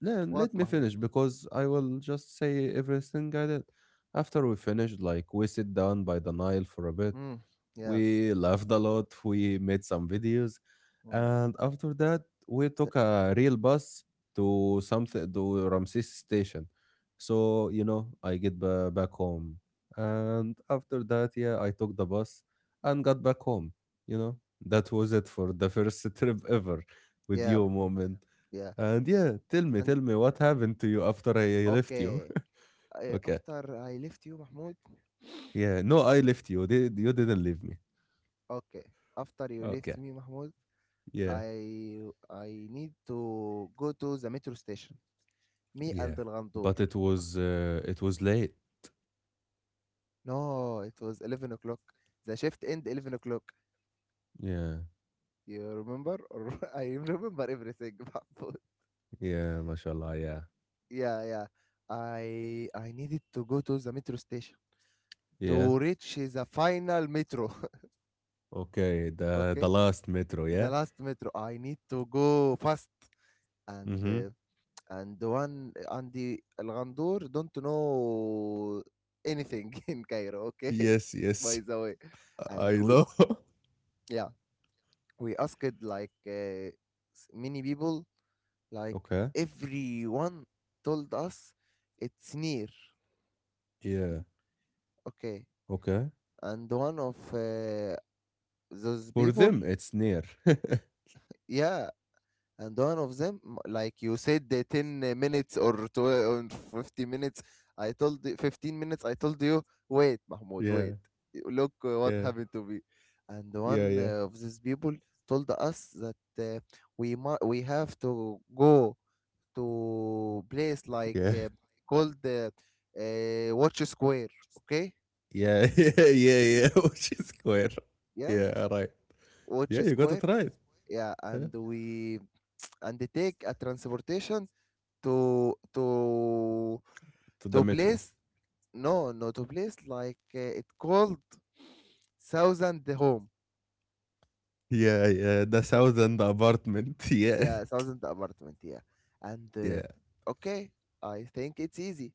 S1: Let,
S2: What,
S1: let me
S2: Mahmoud?
S1: finish because I will just say everything I did. After we finished, like we sit down by the Nile for a bit,
S2: Mm, yes.
S1: we laughed a lot, we made some videos,
S2: Mm.
S1: and after that, we
S2: s-
S1: took a real bus to something, to Ramses station. So, you know, I get ba- back home. And after that, yeah, I took the bus and got back home. You know, that was it for the first trip ever with
S2: Yeah,
S1: you,
S2: Mahmoud.
S1: moment.
S2: Yeah.
S1: And yeah, tell me,
S2: And
S1: tell me what happened to you after I left you.
S2: okay. I,
S1: Okay.
S2: after I left you, Mahmoud.
S1: Yeah. No, I left you. Did You didn't leave me.
S2: Okay. After you
S1: Okay.
S2: left me, Mahmoud,
S1: Yeah.
S2: I I need to go to the metro station. Me and
S1: Yeah,
S2: the,
S1: but it was uh, it was late.
S2: no, it was eleven o'clock. The shift end eleven o'clock.
S1: Yeah,
S2: You remember? Or I remember everything, Mahfouz.
S1: yeah, mashallah. Yeah,
S2: Yeah, yeah. I I needed to go to the metro station
S1: yeah.
S2: to reach the final metro.
S1: Okay, the the
S2: Okay,
S1: last metro.
S2: the
S1: Yeah.
S2: last metro. I need to go fast. And
S1: Mm-hmm.
S2: uh, and the one, and the Al-Ghandour don't know anything in Cairo. Okay,
S1: Yes, yes.
S2: by the way.
S1: I
S2: And we
S1: know.
S2: yeah, we asked like uh, s- many people. Like
S1: okay.
S2: everyone told us it's near.
S1: Yeah.
S2: Okay.
S1: Okay.
S2: And one of uh, those
S1: For
S2: people,
S1: them, it's near.
S2: yeah. And one of them, m- like you said, the ten minutes or twelve or fifty minutes, I told you- fifteen minutes, I told you, wait, Mahmoud,
S1: yeah.
S2: wait. Look uh, what
S1: Yeah.
S2: happened to me. And
S1: Yeah.
S2: one
S1: Yeah.
S2: uh, of these people told us that uh, we mu- we have to go to place like
S1: Yeah.
S2: uh, called uh, uh, Watch Square. Okay,
S1: Yeah. Yeah. Yeah. Yeah. Which is square.
S2: yeah,
S1: Yeah. Right.
S2: Watch
S1: Yeah, you got
S2: Square.
S1: it right.
S2: Yeah,
S1: Yeah.
S2: and we and they take a transportation to to
S1: To the
S2: to
S1: metro.
S2: place no no to place like uh, it called thousand home,
S1: Yeah. Yeah. The
S2: uh,
S1: thousand apartment. Yeah.
S2: yeah, thousand apartment. Yeah, and uh,
S1: Yeah.
S2: okay, I think it's easy.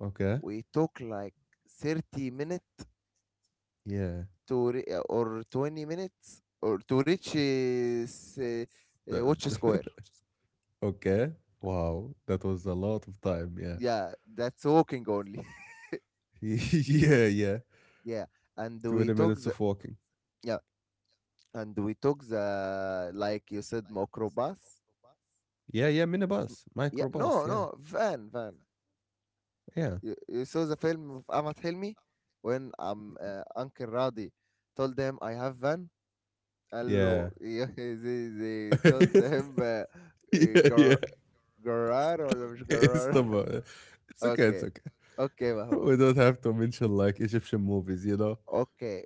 S1: Okay.
S2: We took like thirty minutes
S1: Yeah.
S2: to re- or twenty minutes or to reach uh, s- uh, uh, Watch
S1: That
S2: Square.
S1: okay. Wow, that was a lot of time. Yeah.
S2: Yeah, that's walking only.
S1: yeah, yeah.
S2: Yeah, and we
S1: twenty
S2: took
S1: minutes
S2: the
S1: of walking.
S2: yeah, and we took the, like you said, microbus.
S1: Yeah, yeah, minibus,
S2: Yeah,
S1: microbus.
S2: no
S1: Yeah,
S2: no van, van.
S1: yeah,
S2: you, you saw the film of Ahmad Hilmi when um uh, Uncle Radi told them I have van, hello,
S1: yeah.
S2: yeah? They, they told them, uh, uh,
S1: yeah, yeah.
S2: gar garar or مش
S1: It's
S2: garar.
S1: the mo- yeah. It's okay. It's
S2: Okay,
S1: okay.
S2: okay, Mahmoud.
S1: We don't have to mention like Egyptian movies, you know?
S2: Okay,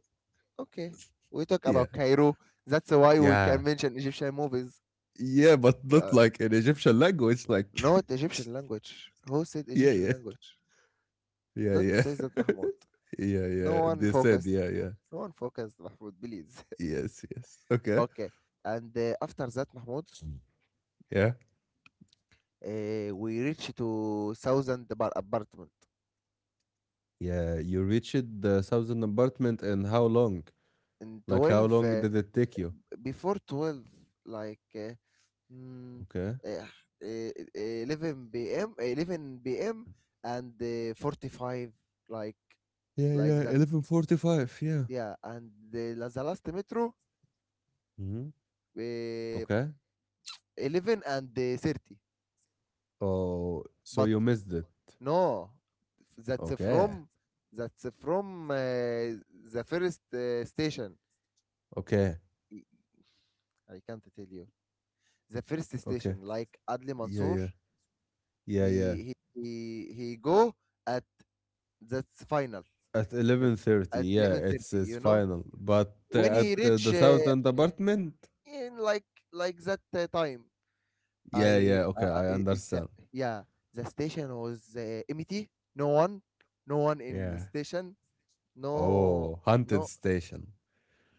S2: okay. We talk
S1: Yeah,
S2: about Cairo. That's why we
S1: yeah,
S2: can mention Egyptian movies.
S1: yeah, but not
S2: Uh,
S1: like in Egyptian language. Like,
S2: not Egyptian language. Who said
S1: yeah,
S2: Egyptian
S1: yeah,
S2: language?
S1: yeah,
S2: Don't
S1: yeah,
S2: say that, Mahmoud.
S1: yeah,
S2: No
S1: yeah.
S2: one
S1: They said,
S2: focused.
S1: yeah, yeah.
S2: No one focused, Mahmoud, please.
S1: Yes, yes. Okay.
S2: Okay. And uh, after that, Mahmoud,
S1: Yeah.
S2: uh, we reach to thousand bar apartment.
S1: Yeah, you reached the thousand apartment and how long?
S2: In
S1: Like how
S2: twelve,
S1: long
S2: uh,
S1: did it take you?
S2: before twelve, like uh, mm,
S1: Okay.
S2: uh, uh, eleven p m, eleven p m, and uh, forty-five, like
S1: Yeah,
S2: like
S1: yeah,
S2: that.
S1: eleven forty-five. Yeah.
S2: Yeah, and the, la- the last metro
S1: Hmm.
S2: uh,
S1: Okay.
S2: eleven and uh, thirty.
S1: Oh, so
S2: But
S1: you missed it.
S2: no, that's
S1: Okay.
S2: from that's from uh, the first uh, station.
S1: Okay.
S2: I I can't tell you the first
S1: Okay.
S2: station. Like Adli
S1: Yeah,
S2: Mansour,
S1: yeah. Yeah,
S2: he
S1: yeah.
S2: he he, he go at that's final
S1: At
S2: that-
S1: eleven thirty.
S2: at
S1: Yeah, it's
S2: eleven thirty.
S1: it's
S2: You know
S1: final. But uh,
S2: when he
S1: at uh,
S2: reach
S1: the
S2: uh,
S1: thousand apartment?
S2: in like like that uh, time,
S1: Yeah, yeah.
S2: I uh,
S1: Okay,
S2: uh,
S1: I
S2: i- it's a,
S1: understand.
S2: yeah, the station was uh, empty. No one, no one in the
S1: Yeah.
S2: station. No,
S1: Oh, haunted
S2: no,
S1: station.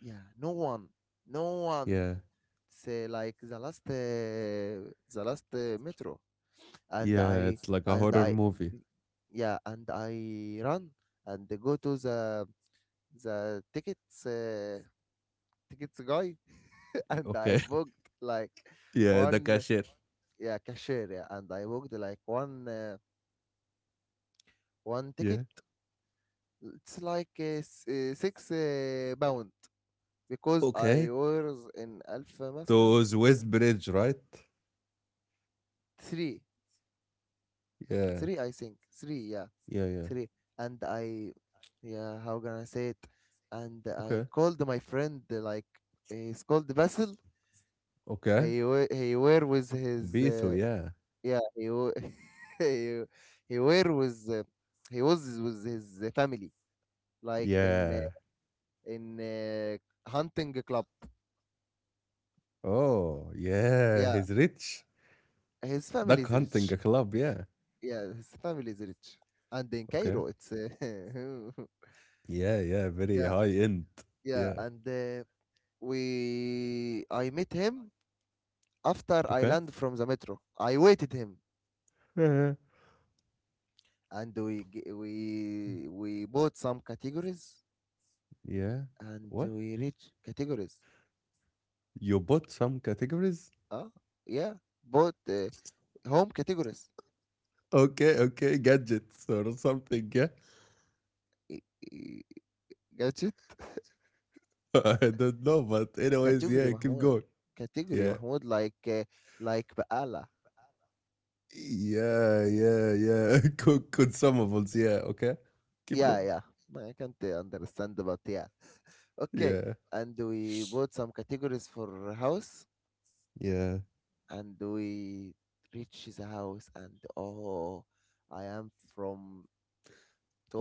S2: yeah, no one, no one.
S1: Yeah.
S2: Say like the last, uh, the last uh, metro, and
S1: Yeah,
S2: I
S1: it's like a
S2: and
S1: horror
S2: I,
S1: movie.
S2: yeah, and I run and go to the the tickets uh, tickets guy, and I
S1: Okay.
S2: booked like
S1: Yeah, the
S2: one
S1: cashier.
S2: yeah, cashier, yeah, and I booked like one. Uh, one ticket.
S1: Yeah.
S2: It's like uh, s- uh, six uh, pound, because I
S1: Okay.
S2: was in Alpha Mascom.
S1: To the West Bridge, right?
S2: three,
S1: Yeah.
S2: three I think, Three, yeah,
S1: Yeah, yeah.
S2: three. And I, yeah, how can I say it? And
S1: Okay.
S2: I called my friend, uh, like he's called Basil.
S1: Okay.
S2: He wa- he were with his,
S1: Beto,
S2: uh,
S1: yeah.
S2: yeah, he wa- he he were with, uh, he was with his family, like in uh,
S1: Yeah.
S2: in uh, hunting club.
S1: Oh, yeah.
S2: Yeah,
S1: He's rich.
S2: his family
S1: Duck
S2: is
S1: hunting a
S2: rich.
S1: club, yeah.
S2: Yeah, his family is rich. And in
S1: Okay.
S2: Cairo, it's uh,
S1: Yeah, yeah. Very
S2: yeah,
S1: high end.
S2: yeah.
S1: Yeah.
S2: And uh, we, I met him after I
S1: Okay.
S2: land from the metro. I waited him,
S1: Uh-huh.
S2: and we g- we we bought some categories,
S1: Yeah.
S2: and
S1: What?
S2: we reached categories.
S1: You bought some categories?
S2: Ah, yeah, bought uh, home categories.
S1: Okay, okay. Gadgets or something, yeah.
S2: I- I- Got it?
S1: I don't know, but anyways,
S2: Category,
S1: yeah, keep
S2: Mahmoud,
S1: going.
S2: category,
S1: Yeah.
S2: Mahmoud, like uh, like Baala.
S1: Yeah, yeah, yeah. Could could some of us, yeah, okay? Keep
S2: Yeah,
S1: going.
S2: yeah. I can't uh, understand, but yeah. Okay,
S1: Yeah,
S2: and we bought some categories for house,
S1: yeah.
S2: and we reach the house, and oh, I am from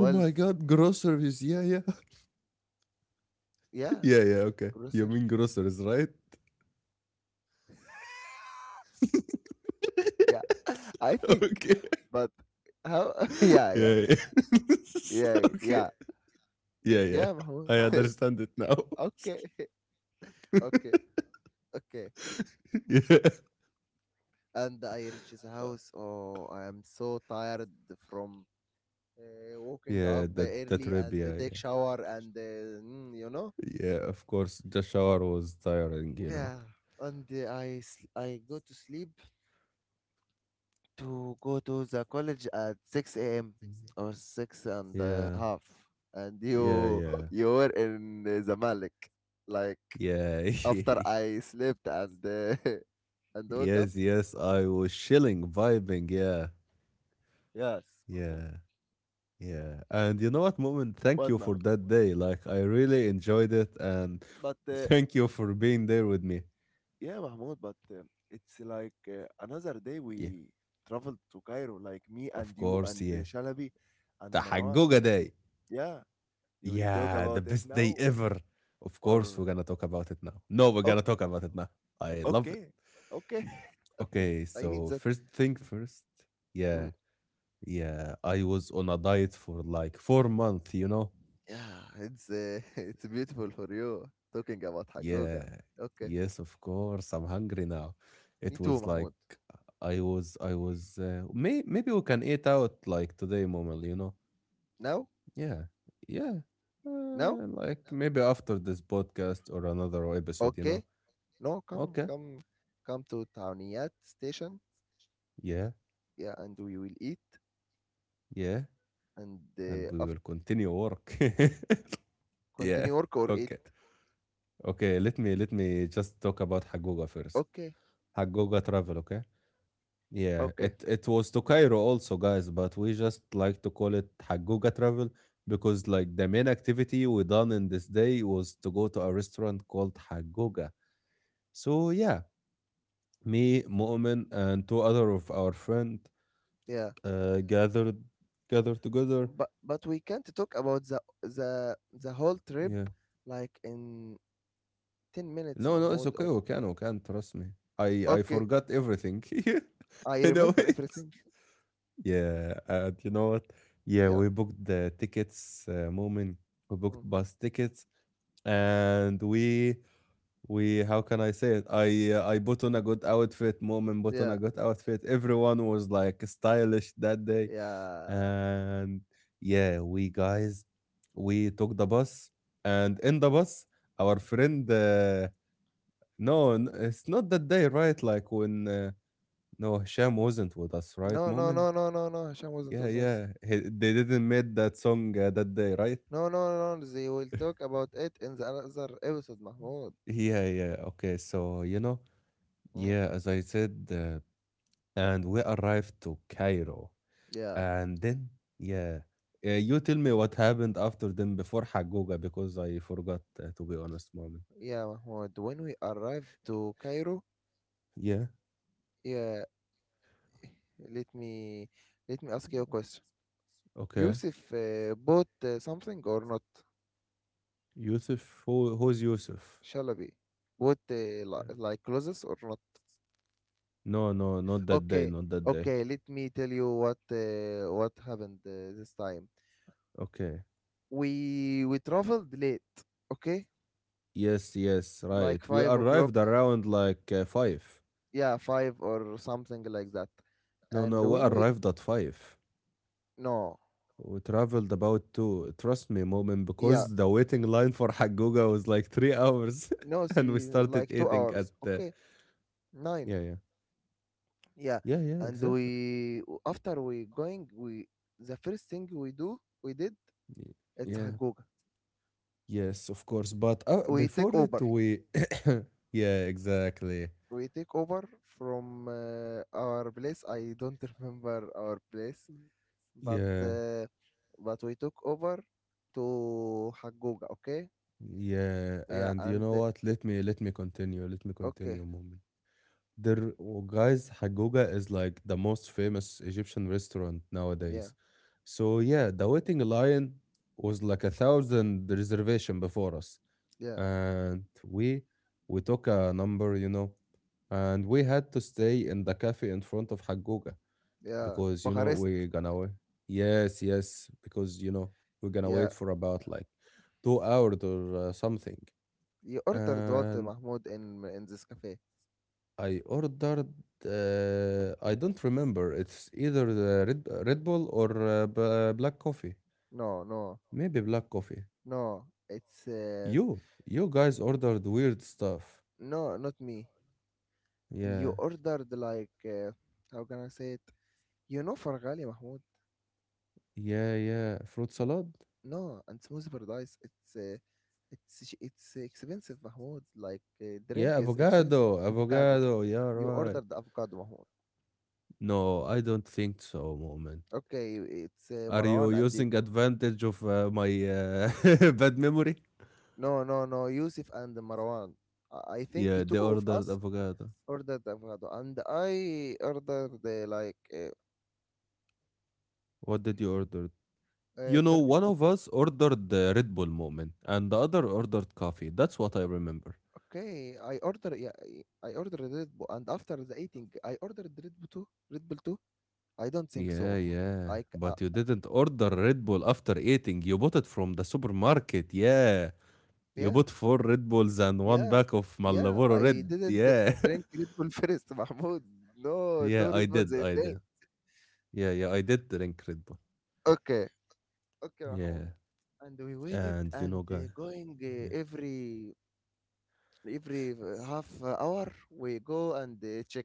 S1: Oh my god, groceries, yeah, yeah.
S2: yeah,
S1: Yeah, yeah, okay.
S2: grocer,
S1: You mean groceries, right?
S2: yeah, I think,
S1: okay.
S2: but how, yeah, yeah,
S1: Yeah, yeah.
S2: yeah,
S1: okay.
S2: yeah,
S1: Yeah, yeah.
S2: yeah, Mahmoud,
S1: I understand it now.
S2: okay, okay, okay,
S1: yeah.
S2: and I reach the house. Oh, I am so tired from uh, waking up
S1: Yeah, that that
S2: early and
S1: trip, yeah,
S2: take
S1: yeah.
S2: shower and, uh, mm, you know.
S1: Yeah, of course, the shower was tiring, you know.
S2: Yeah, and uh, I sl- I go to sleep to go to the college at six a m or six and a
S1: Yeah,
S2: half, and
S1: yeah,
S2: you
S1: yeah.
S2: you were in uh, the Malik, like
S1: Yeah.
S2: after I slept and uh, and woke up.
S1: yes, yes. I was chilling, vibing. Yeah.
S2: Yes, Mahmoud.
S1: Yeah. Yeah. And you know what, Moment? Thank
S2: But
S1: you for
S2: Mahmoud,
S1: that day. Like, I really enjoyed it. And
S2: but uh,
S1: thank you for being there with me.
S2: yeah, Mahmoud. But uh, it's like uh, another day
S1: Yeah.
S2: we traveled to Cairo, like me and
S1: Of
S2: you
S1: course.
S2: and uh,
S1: Yeah.
S2: Shalabi and
S1: The
S2: Marwan.
S1: Haguga day.
S2: Yeah, you, we talk
S1: Yeah. The
S2: about it
S1: best day
S2: now
S1: ever. Of course, we're
S2: or?
S1: going to talk about it now. No, we're going
S2: Okay,
S1: to talk about it now. I love it.
S2: okay, okay, okay.
S1: Okay.
S2: I
S1: So,
S2: need that.
S1: first thing first. Yeah.
S2: Mm,
S1: Yeah. I was on a diet for like four months, you know?
S2: yeah, it's uh, it's beautiful for you talking about Hagoga.
S1: Yeah,
S2: Okay,
S1: yes, of course. I'm hungry now.
S2: me
S1: It
S2: too,
S1: was like
S2: Mahmoud.
S1: I was, I was. Uh, may, maybe we can eat out like today, Momal. You know?
S2: No,
S1: Yeah, yeah.
S2: no,
S1: Uh, like maybe after this podcast or another episode. You
S2: okay,
S1: know?
S2: no. Come,
S1: Okay.
S2: come, come to Tawniyat station.
S1: Yeah,
S2: Yeah, and we will eat,
S1: yeah.
S2: and
S1: And
S2: uh,
S1: we
S2: after
S1: will continue work. yeah.
S2: continue work or eat.
S1: Okay. Okay. Let me let me just talk about Hagoga first.
S2: Okay,
S1: Hagoga travel. Okay. Yeah,
S2: okay,
S1: it it was to Cairo also, guys, but we just like to call it Haguga travel because like the main activity we done in this day was to go to a restaurant called Haguga. So yeah, me, Mu'min, and two other of our friend
S2: yeah.
S1: uh, gathered gathered together.
S2: But but we can't talk about the the the whole trip
S1: Yeah.
S2: like in ten minutes,
S1: No, no, it's
S2: Mahmoud.
S1: okay.
S2: Or
S1: We can, we can. Trust me. I I
S2: okay,
S1: forgot everything.
S2: I
S1: in a
S2: remember
S1: way.
S2: everything.
S1: Yeah, and you know what? Yeah,
S2: Yeah.
S1: we booked the tickets, uh, moment. We booked
S2: Mm.
S1: bus tickets, and we we how can I say it? I uh, I put on a good outfit. Moment put on a
S2: Yeah,
S1: good outfit. Everyone was like stylish that day,
S2: yeah.
S1: and yeah, we guys we took the bus, and in the bus, our friend. Uh, no, n- it's not that day, right? Like when uh, no Hisham wasn't with us, right?
S2: No, no,
S1: Moment.
S2: no, no, no, no. Hisham wasn't
S1: Yeah,
S2: with us.
S1: yeah. He, they didn't make that song uh, that day, right?
S2: No, no, no. no, They will talk about it in the other episode, Mahmoud.
S1: Yeah, yeah. Okay, so you know,
S2: Mm.
S1: yeah, as I said, uh, and we arrived to Cairo,
S2: Yeah,
S1: and then yeah, uh, you tell me what happened after them before Haguga because I forgot uh, to be honest, moment.
S2: yeah, Mahmoud. When we arrived to Cairo,
S1: Yeah.
S2: yeah, let me let me ask you a question.
S1: Okay.
S2: Yusuf uh, bought uh, something or not?
S1: Yusuf, who who's Yusuf?
S2: Shalabi bought uh,
S1: Uh,
S2: li- like clothes or not?
S1: no, no, not that day,
S2: Okay,
S1: not that day.
S2: okay. Let me tell you what uh, what happened uh, this time.
S1: Okay.
S2: We we traveled late. Okay,
S1: Yes, yes, right.
S2: like
S1: We
S2: five o'clock,
S1: arrived around like uh, five.
S2: yeah, five or something like that.
S1: No,
S2: And
S1: no, we
S2: when we,
S1: arrived at five.
S2: no,
S1: We traveled about two, trust me, moment,
S2: yeah,
S1: because the waiting line for Hagoga was like three hours,
S2: no,
S1: and we
S2: three,
S1: started
S2: like two
S1: eating at
S2: hours
S1: the
S2: okay, nine,
S1: yeah, yeah,
S2: yeah.
S1: yeah, yeah,
S2: And
S1: exactly.
S2: we, after we going, we, the first thing we do, we did,
S1: Y-
S2: it's
S1: Yeah,
S2: hagoga.
S1: yes, of course. But uh,
S2: We take
S1: before it,
S2: over,
S1: we yeah, exactly.
S2: we take over from uh, our place. I don't remember our place, but
S1: Yeah,
S2: uh, but we took over to hagoga. Okay,
S1: yeah,
S2: yeah,
S1: and you
S2: and
S1: know what? Let me let me continue. Let me
S2: okay,
S1: continue, moment. There, w- guys, Hagoga is like the most famous Egyptian restaurant
S2: yeah,
S1: nowadays. So yeah, the waiting line was like a thousand reservation before us,
S2: yeah.
S1: and we we took a number, you know, and we had to stay in the cafe in front of Hagoga
S2: Yeah,
S1: because you know
S2: Bucharest.
S1: we're gonna wait. Yes, yes, because you know we're gonna
S2: Yeah,
S1: wait for about like two hours or uh, something,
S2: you ordered what,
S1: and
S2: Mahmoud, in in this cafe?
S1: I ordered, uh, I don't remember. It's either the Red, Red Bull or uh, b- black coffee.
S2: No, no,
S1: Maybe black coffee.
S2: no. It's uh,
S1: You, you guys ordered weird stuff.
S2: no, not me. You
S1: Yeah,
S2: ordered like uh, how can I say it? You know Fargali, Mahmoud.
S1: yeah, yeah. Fruit
S2: Yeah,
S1: salad?
S2: no, and smoothie paradise. It's uh, it's sh- it's expensive, Mahmoud. Like uh, drink
S1: Yeah,
S2: is expensive.
S1: avocado,
S2: Avocado.
S1: avocado. Yeah,
S2: You
S1: right.
S2: ordered avocado, Mahmoud.
S1: No, I don't think so, moment.
S2: Okay, it's uh,
S1: Are you
S2: Marwan and the,
S1: using advantage of uh, my uh, bad memory?
S2: no, no, no. Yusuf and Marwan. I I think
S1: Yeah, they
S2: two of
S1: ordered
S2: us
S1: avocado.
S2: ordered avocado, and I ordered uh, like uh,
S1: What did you order?
S2: uh,
S1: You know,
S2: Turkish
S1: one of
S2: coffee.
S1: us ordered the Red Bull moment, and the other ordered coffee. That's what I remember.
S2: Okay, I order, yeah, I I ordered Red Bull, and after the eating I ordered Red Bull too. Red Bull too. I don't think so,
S1: Yeah,
S2: Mahmoud.
S1: yeah.
S2: Like uh,
S1: But you didn't order Red Bull after eating. You bought it from the supermarket. Yeah. You
S2: yeah,
S1: bought four Red Bulls and one
S2: yeah,
S1: pack of
S2: yeah.
S1: Malboro
S2: I
S1: Red.
S2: didn't uh,
S1: Yeah.
S2: drink Red Bull first, Mahmoud. No,
S1: yeah,
S2: two
S1: I
S2: Red Bulls
S1: did.
S2: a
S1: I
S2: day.
S1: did. Yeah, yeah. I did drink Red Bull.
S2: Okay, okay, Mahmoud.
S1: Yeah.
S2: And we waited
S1: And you
S2: and
S1: know, guy.
S2: uh, going uh,
S1: Yeah.
S2: every every uh, half eh, hour we go and uh, check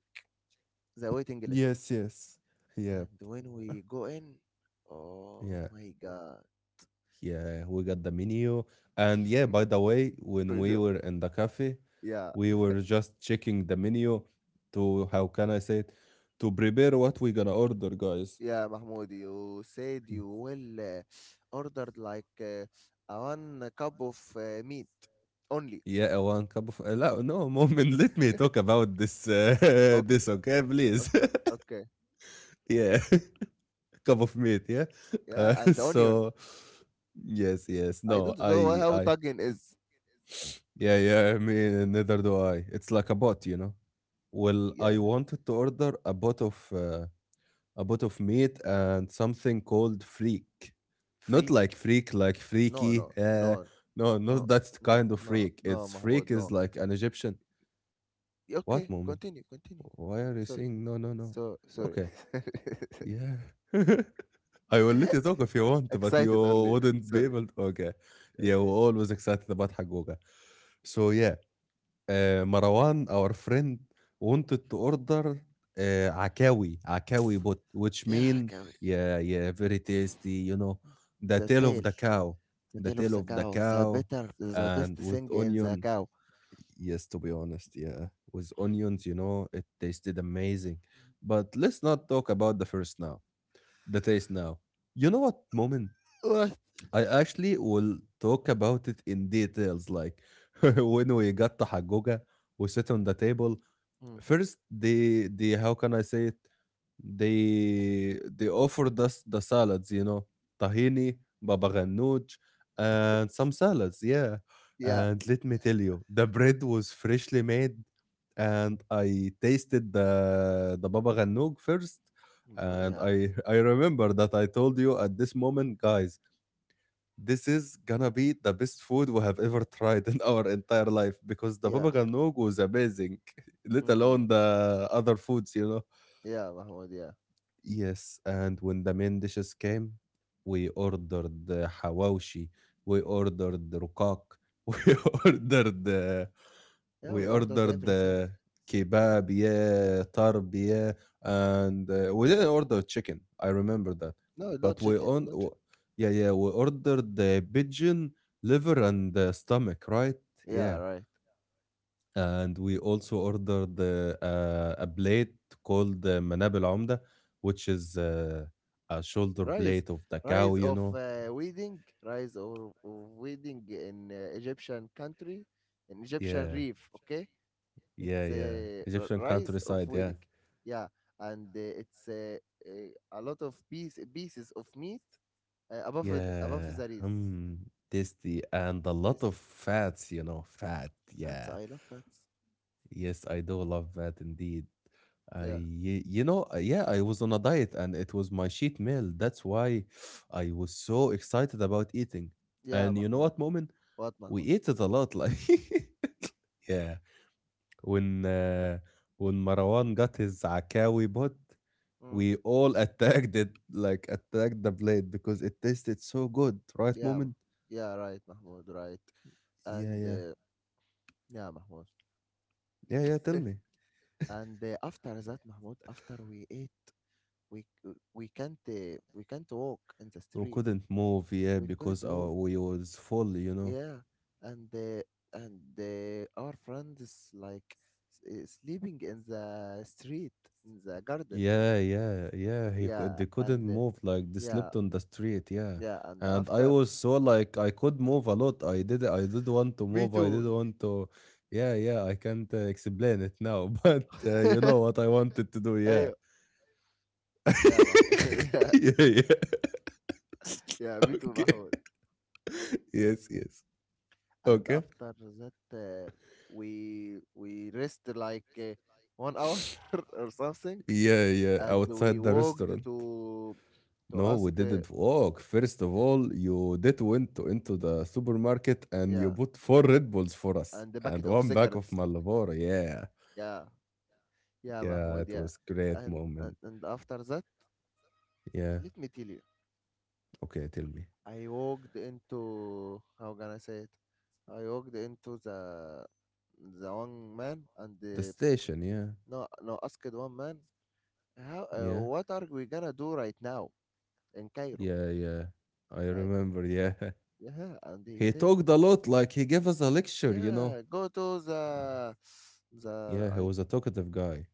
S2: the waiting list.
S1: Yes, yes. Yeah.
S2: And when we go in, oh
S1: Yeah.
S2: my god.
S1: Yeah, we got the menu. And yeah, by the way, when we
S2: So,
S1: were in the cafe,
S2: yeah,
S1: we were just checking the menu to, how can I say it, to prepare what we're gonna order, guys.
S2: yeah, Mahmoud, you said
S1: Yeah.
S2: you will uh, ordered like uh, a one cup of uh, meat only.
S1: Yeah, one cup of. Uh, لا, no, moment. Let me talk about this. Uh,
S2: Okay,
S1: this, okay, please.
S2: okay, okay.
S1: yeah, cup of meat. Yeah.
S2: Yeah,
S1: Uh,
S2: and the onion.
S1: so, yes, yes.
S2: I
S1: No,
S2: don't know
S1: I,
S2: how
S1: I.
S2: tugging is.
S1: Yeah, yeah. I mean, neither do I. It's like a bot, you know. Well,
S2: Yeah,
S1: I wanted to order a bot of uh, a bot of meat and something called freak. Not like
S2: freak.
S1: freak, like
S2: No,
S1: freaky.
S2: no,
S1: Uh,
S2: no,
S1: no, not
S2: no,
S1: that
S2: no,
S1: kind of
S2: no,
S1: freak.
S2: no,
S1: It's
S2: Mahmoud,
S1: freak is
S2: no.
S1: like an Egyptian. What
S2: Okay,
S1: moment?
S2: continue, continue,
S1: Why
S2: continue.
S1: are you
S2: Sorry.
S1: saying no, no, no?
S2: So, sorry.
S1: Okay, yeah. I will let you talk if you want, but you
S2: Excited only.
S1: wouldn't be
S2: Sorry.
S1: able to. Okay. Yeah,
S2: Okay.
S1: we're always excited about Hagoga. So, yeah. آآ مروان our friend wanted to order آآ عكاوي، عكاوي bot which
S2: Yeah,
S1: mean
S2: go.
S1: yeah, yeah, very tasty, you know, the
S2: The
S1: tail of
S2: tale,
S1: the cow,
S2: the
S1: the
S2: tale of
S1: tail
S2: the
S1: of the
S2: cow, the
S1: cow
S2: better, the best
S1: and with
S2: thing in the
S1: onion.
S2: cow.
S1: Yes, to be honest, yeah, with onions, you know, it tasted amazing. But let's not talk about the first now, the taste now. You know what, moment?
S2: What?
S1: I actually will talk about it in details, like when we got to Hagoga, we sit on the
S2: Mm,
S1: table.
S2: mm,
S1: First, they they how can I say it? They they offered us the salads, you know, tahini, baba ganoush, and some salads. Yeah,
S2: yeah,
S1: and let me tell you, the bread was freshly made, and I tasted the the baba ganoush first,
S2: no,
S1: and
S2: yeah,
S1: I I remember that I told you at this moment, guys, this is gonna be the best food we have ever tried in our entire life because the
S2: yeah,
S1: baba ganoush was amazing, let
S2: mm,
S1: alone the other foods, you know?
S2: yeah, Mahmoud, yeah,
S1: Yes, and when the main dishes came, we ordered the hawashi, we ordered the rukak, we ordered the,
S2: yeah.
S1: we
S2: We ordered
S1: ordered
S2: everything.
S1: uh, kebab, yeah, tarb, yeah, and uh, we didn't order chicken. I remember that,
S2: No,
S1: but
S2: not
S1: we
S2: chicken,
S1: on,
S2: not
S1: w-
S2: chicken.
S1: yeah, yeah, we ordered the pigeon liver and the stomach, right? Yeah,
S2: Yeah, right.
S1: and we also ordered the uh, a plate called the manab al umda, which is uh, a shoulder
S2: Rice,
S1: blade of the cow,
S2: rice
S1: you
S2: of
S1: know.
S2: uh, wedding, rice or or wedding in uh, Egyptian country, in Egyptian
S1: Yeah,
S2: reef. Okay,
S1: yeah,
S2: it's
S1: yeah.
S2: a r-
S1: Egyptian
S2: rice of
S1: countryside, yeah.
S2: wedding. Yeah, and uh, it's uh, uh, a lot of piece, pieces of meat uh, above it, above
S1: Yeah,
S2: the rice.
S1: mm, tasty and a lot
S2: This
S1: of fats, you know, fat.
S2: fats,
S1: Yeah,
S2: I love fats.
S1: yes, I do love that indeed. I,
S2: Yeah,
S1: y- you know, uh, yeah, I was on a diet and it was my cheat meal. That's why I was so excited about eating.
S2: yeah,
S1: And you know
S2: Mahmoud.
S1: what, moment?
S2: What
S1: We
S2: Mahmoud?
S1: ate it a lot. Like, yeah, when uh, when Marwan got his Zakawi bot,
S2: Mm.
S1: we all attacked it, like attacked the blade because it tasted so good, right,
S2: Yeah, Mah-
S1: moment?
S2: yeah, right, Mahmoud, right.
S1: Yeah,
S2: And
S1: yeah.
S2: uh, yeah, Mahmoud.
S1: Yeah, yeah, tell me.
S2: and uh, after that, Mahmoud, after we ate, we we can't uh, we can't walk in the
S1: We
S2: street.
S1: couldn't move, yeah,
S2: We
S1: because
S2: couldn't move.
S1: our we was full, you know.
S2: Yeah, and uh, and uh, our friends like s- uh, sleeping in the street, in the garden.
S1: Yeah, yeah, yeah. He cou-
S2: Yeah,
S1: they couldn't
S2: and uh,
S1: move, like they
S2: yeah,
S1: slept on the street, yeah.
S2: yeah, and
S1: And I
S2: after
S1: was so like I could move a lot. I did I did want to
S2: me
S1: move. I did
S2: too.
S1: want to. Yeah, yeah. I can't uh, explain it now, but uh, you know what I wanted to do. Yeah.
S2: أيوة, yeah, محمود. yeah,
S1: yeah, yeah.
S2: yeah, me too, محمود.
S1: okay. Yes, yes.
S2: And
S1: Okay.
S2: after that, uh, we we rest like uh, one hour or something,
S1: Yeah, yeah.
S2: and we
S1: Outside the
S2: walked
S1: restaurant.
S2: to to
S1: No,
S2: ask,
S1: we
S2: uh,
S1: didn't walk. First of all, you did went to into the supermarket and you
S2: yeah,
S1: bought four Red Bulls for us
S2: and the
S1: and
S2: bucket of
S1: one bag of
S2: cigarettes.
S1: Malboro. Yeah,
S2: Yeah. Yeah,
S1: yeah,
S2: Mahmoud,
S1: it
S2: yeah.
S1: was great
S2: And,
S1: moment.
S2: and and after that,
S1: Yeah.
S2: let me tell you,
S1: Okay, tell me
S2: I walked into, how can I say it? I walked into the the one man and
S1: the
S2: the,
S1: station. Yeah,
S2: no, no, asked one man how uh,
S1: yeah,
S2: what are we gonna do right now in Cairo?
S1: yeah, yeah. I
S2: Like,
S1: remember. Yeah,
S2: yeah, and he
S1: he
S2: said,
S1: talked a lot. Like he gave us a lecture. You know.
S2: yeah, go to the the
S1: Yeah, he
S2: I.
S1: was a talkative guy.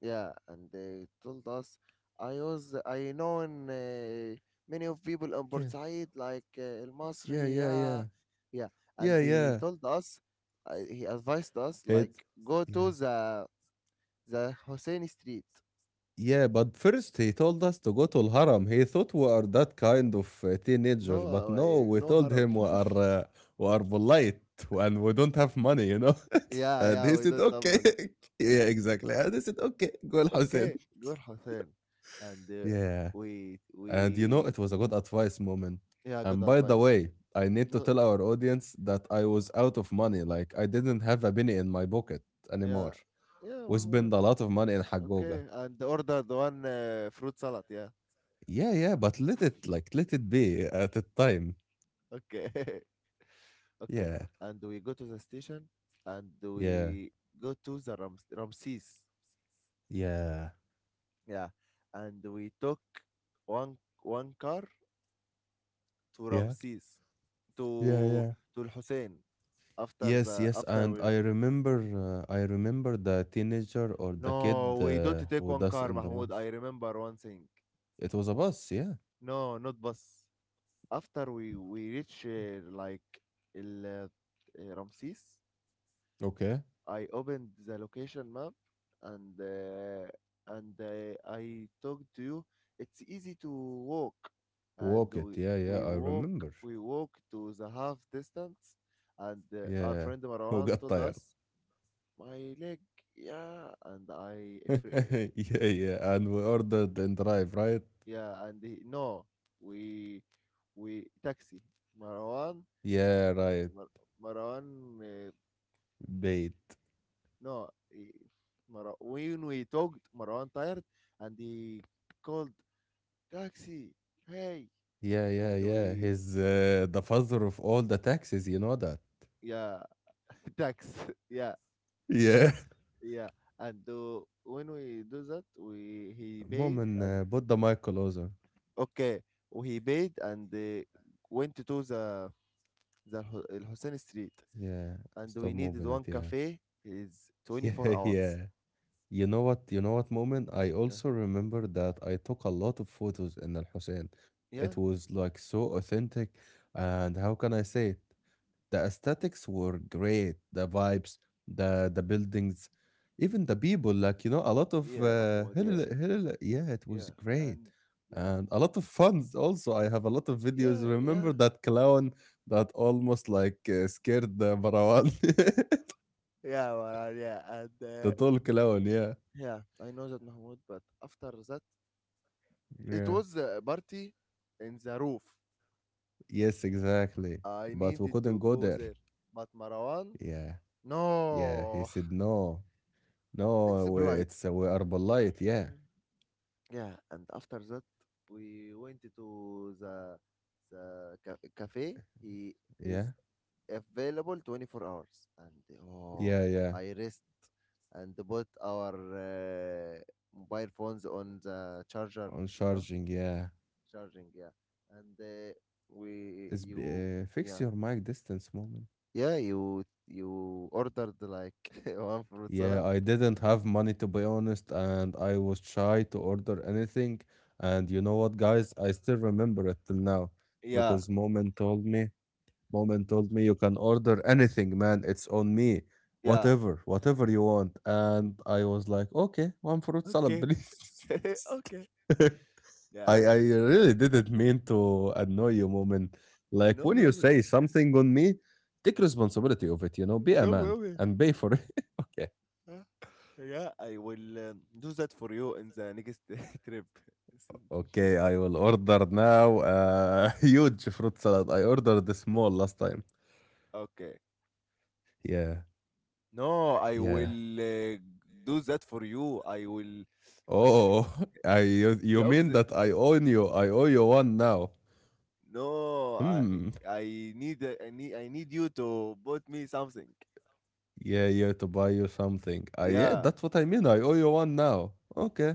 S2: Yeah, and they told us I was I known uh, many of people in
S1: Yeah,
S2: Port like uh, El
S1: yeah,
S2: Masri,
S1: yeah,
S2: yeah,
S1: yeah,
S2: yeah, and
S1: yeah,
S2: they
S1: yeah.
S2: told us uh, he advised us like
S1: It.
S2: go to
S1: Yeah.
S2: the the Hussein Street.
S1: Yeah, but first he told us to go to Al-Haram. He thought we are that kind of uh, teenager, but
S2: No,
S1: no,
S2: I
S1: we
S2: no
S1: told
S2: haram.
S1: him we are uh, we are polite and we don't have money, you know.
S2: Yeah,
S1: and
S2: yeah,
S1: he
S2: we
S1: said,
S2: don't have
S1: "Okay,
S2: one.
S1: yeah, exactly." And he said, "Okay, go Al-Hussein."
S2: Okay, go Hussein, and uh,
S1: Yeah,
S2: we
S1: and you know
S2: we
S1: it was a good advice moment.
S2: yeah, good
S1: And by the
S2: advice.
S1: way, I need to
S2: No,
S1: tell our audience that I was out of money. Like I didn't have a penny in my pocket
S2: yeah,
S1: anymore.
S2: yeah,
S1: We
S2: Mahmoud.
S1: spent a lot of money in Hagoga.
S2: Okay, and ordered one uh, fruit salad. Yeah.
S1: Yeah, yeah, but let it like let it be at the time.
S2: Okay. Okay.
S1: Yeah,
S2: And we go to the station and
S1: yeah,
S2: we go to the Rams Ramses.
S1: yeah,
S2: Yeah. And we took one one car to
S1: yeah,
S2: Ramses
S1: yeah,
S2: to
S1: yeah.
S2: to Al Hussein, after
S1: Yes,
S2: the
S1: yes,
S2: after
S1: and
S2: we
S1: I
S2: reach.
S1: remember, uh, I remember the teenager or the kid
S2: No, we don't
S1: uh,
S2: take
S1: who
S2: one
S1: does
S2: car,
S1: in the
S2: Mahmoud.
S1: bus.
S2: I remember one thing.
S1: It was a bus, yeah.
S2: No, not bus. After we we reach uh, like El uh, uh, Ramses,
S1: Okay,
S2: I opened the location map and uh, and uh, I talked to you. It's easy to walk, and
S1: walk it.
S2: we
S1: Yeah, yeah,
S2: we
S1: I
S2: walk,
S1: remember.
S2: we walk to the half distance, and uh, our friend
S1: Yeah, who
S2: Marwan
S1: got
S2: told
S1: tired?
S2: us my leg, yeah, and I if,
S1: Yeah, yeah, and we ordered and drive, right?
S2: yeah, and he, no, we we taxi Marwan.
S1: Yeah, right.
S2: Mar- Marwan uh,
S1: Bait.
S2: no, he, Mar- when we talked, Marwan tired and he called taxi. Hey,
S1: Yeah, yeah,
S2: and
S1: yeah.
S2: we,
S1: He's uh, the father of all the taxes. You know that.
S2: yeah, tax yeah,
S1: Yeah.
S2: yeah, and uh, when we do that, we he paid,
S1: Moment,
S2: and
S1: than uh, put the mic closer.
S2: okay, he paid and uh, went to the the Ho- Al Hussein Street,
S1: Yeah,
S2: and
S1: stop
S2: we needed
S1: moving it.
S2: one
S1: Yeah,
S2: cafe is twenty-four
S1: yeah, yeah.
S2: hours.
S1: You know what? You know what moment? I
S2: Yeah.
S1: also remember that I took a lot of photos in Al Hussein. It
S2: Yeah.
S1: was like so authentic, and how can I say it? The aesthetics were great. The vibes, the the buildings, even the people. Like you know, a lot of
S2: Yeah,
S1: uh,
S2: Mahmoud.
S1: hell,
S2: Yeah.
S1: hell, yeah, it was
S2: Yeah.
S1: great,
S2: And yeah,
S1: and a
S2: Mahmoud.
S1: lot of fun. Also, I have a lot of videos.
S2: Yeah.
S1: Remember
S2: Yeah.
S1: that clown that almost like uh, scared the Marwan,
S2: Yeah, well, uh, yeah, and
S1: the
S2: uh,
S1: tall clown. Yeah,
S2: yeah, I know that Mahmoud, but after that, it
S1: yeah,
S2: was a party in the roof.
S1: yes, exactly.
S2: I
S1: But we
S2: needed
S1: couldn't
S2: to
S1: go
S2: go
S1: there.
S2: there, but Marwan,
S1: Yeah, yeah. He
S2: no,
S1: said no,
S2: it's
S1: no. We,
S2: polite.
S1: it's uh, we are polite. Yeah,
S2: Yeah, and after that, we went to the the ca- cafe. He
S1: yeah.
S2: is available twenty-four hours, and oh,
S1: Yeah, yeah.
S2: I rest and put our uh, mobile phones on the charger,
S1: On
S2: you know.
S1: charging, yeah.
S2: Charging, yeah, and uh, we
S1: It's
S2: you,
S1: b- uh, fix
S2: yeah,
S1: your mic distance moment.
S2: yeah, you you ordered like one fruit
S1: Yeah,
S2: salad,
S1: I didn't have money to be honest, and I was shy to order anything. And you know what, guys? I still remember it till now
S2: yeah,
S1: because Moment told me, Moment told me you can order anything, man. It's on me.
S2: yeah,
S1: Whatever, whatever you want. And I was like, okay, one fruit salad,
S2: okay.
S1: please.
S2: Okay,
S1: I
S2: yeah.
S1: I really didn't mean to annoy you, moment.
S2: Uh,
S1: Like
S2: no
S1: when you
S2: problem,
S1: say something on me, take responsibility of it. You know, be a
S2: no
S1: man
S2: problem,
S1: and pay for it. Okay,
S2: huh? Yeah, I will um, do that for you in the next trip.
S1: okay. I will order now a huge fruit salad. I ordered the small last time.
S2: Okay,
S1: Yeah,
S2: no, I
S1: yeah.
S2: will uh, do that for you, I will,
S1: Oh, I you, you
S2: the
S1: mean
S2: opposite,
S1: that I owe you? I owe you one now.
S2: no, I
S1: Hmm.
S2: I need, I need, I need you to bought me something.
S1: Yeah, yeah. To buy you something. I yeah.
S2: Yeah.
S1: That's what I mean. I owe you one now. Okay.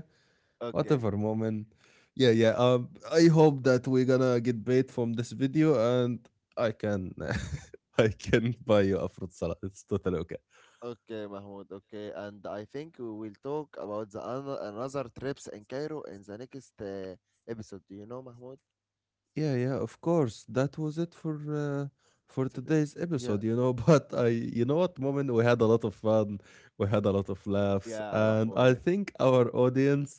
S2: Okay.
S1: Whatever moment, yeah, yeah, um I hope that we're gonna get paid from this video and I can I can buy you a fruit salad. It's totally okay.
S2: Okay, Mahmoud. Okay, and I think we will talk about the ano- another trips in Cairo in the next uh, episode. Do you know, Mahmoud?
S1: Yeah, yeah, of course. That was it for uh, for
S2: So the,
S1: today's
S2: yeah.
S1: episode, you know. But i you know what moment we had a lot of fun. We had a lot of laughs
S2: Yeah,
S1: and I
S2: Mahmoud.
S1: think our audience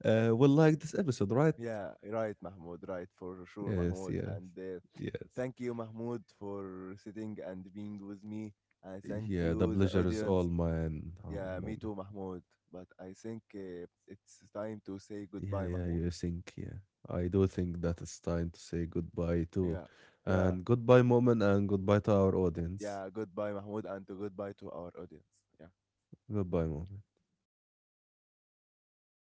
S1: uh, will like this episode, right?
S2: Yeah, yeah, right, Mahmoud. Right, for sure,
S1: Yes,
S2: Mahmoud.
S1: yes,
S2: And uh,
S1: yes.
S2: thank you, Mahmoud, for sitting and being with me. And thank
S1: Yeah, the
S2: you, the
S1: pleasure is all
S2: audience.
S1: mine, uh,
S2: Yeah, me
S1: moment.
S2: too, Mahmoud. But I think uh, it's time to say
S1: Yeah,
S2: goodbye,
S1: yeah, you
S2: Mahmoud.
S1: think, yeah. I do think that it's time to say goodbye too.
S2: Yeah. Yeah.
S1: And goodbye, moment, and goodbye to our audience.
S2: Yeah, goodbye, Mahmoud, and goodbye to our audience. Yeah.
S1: Goodbye, moment.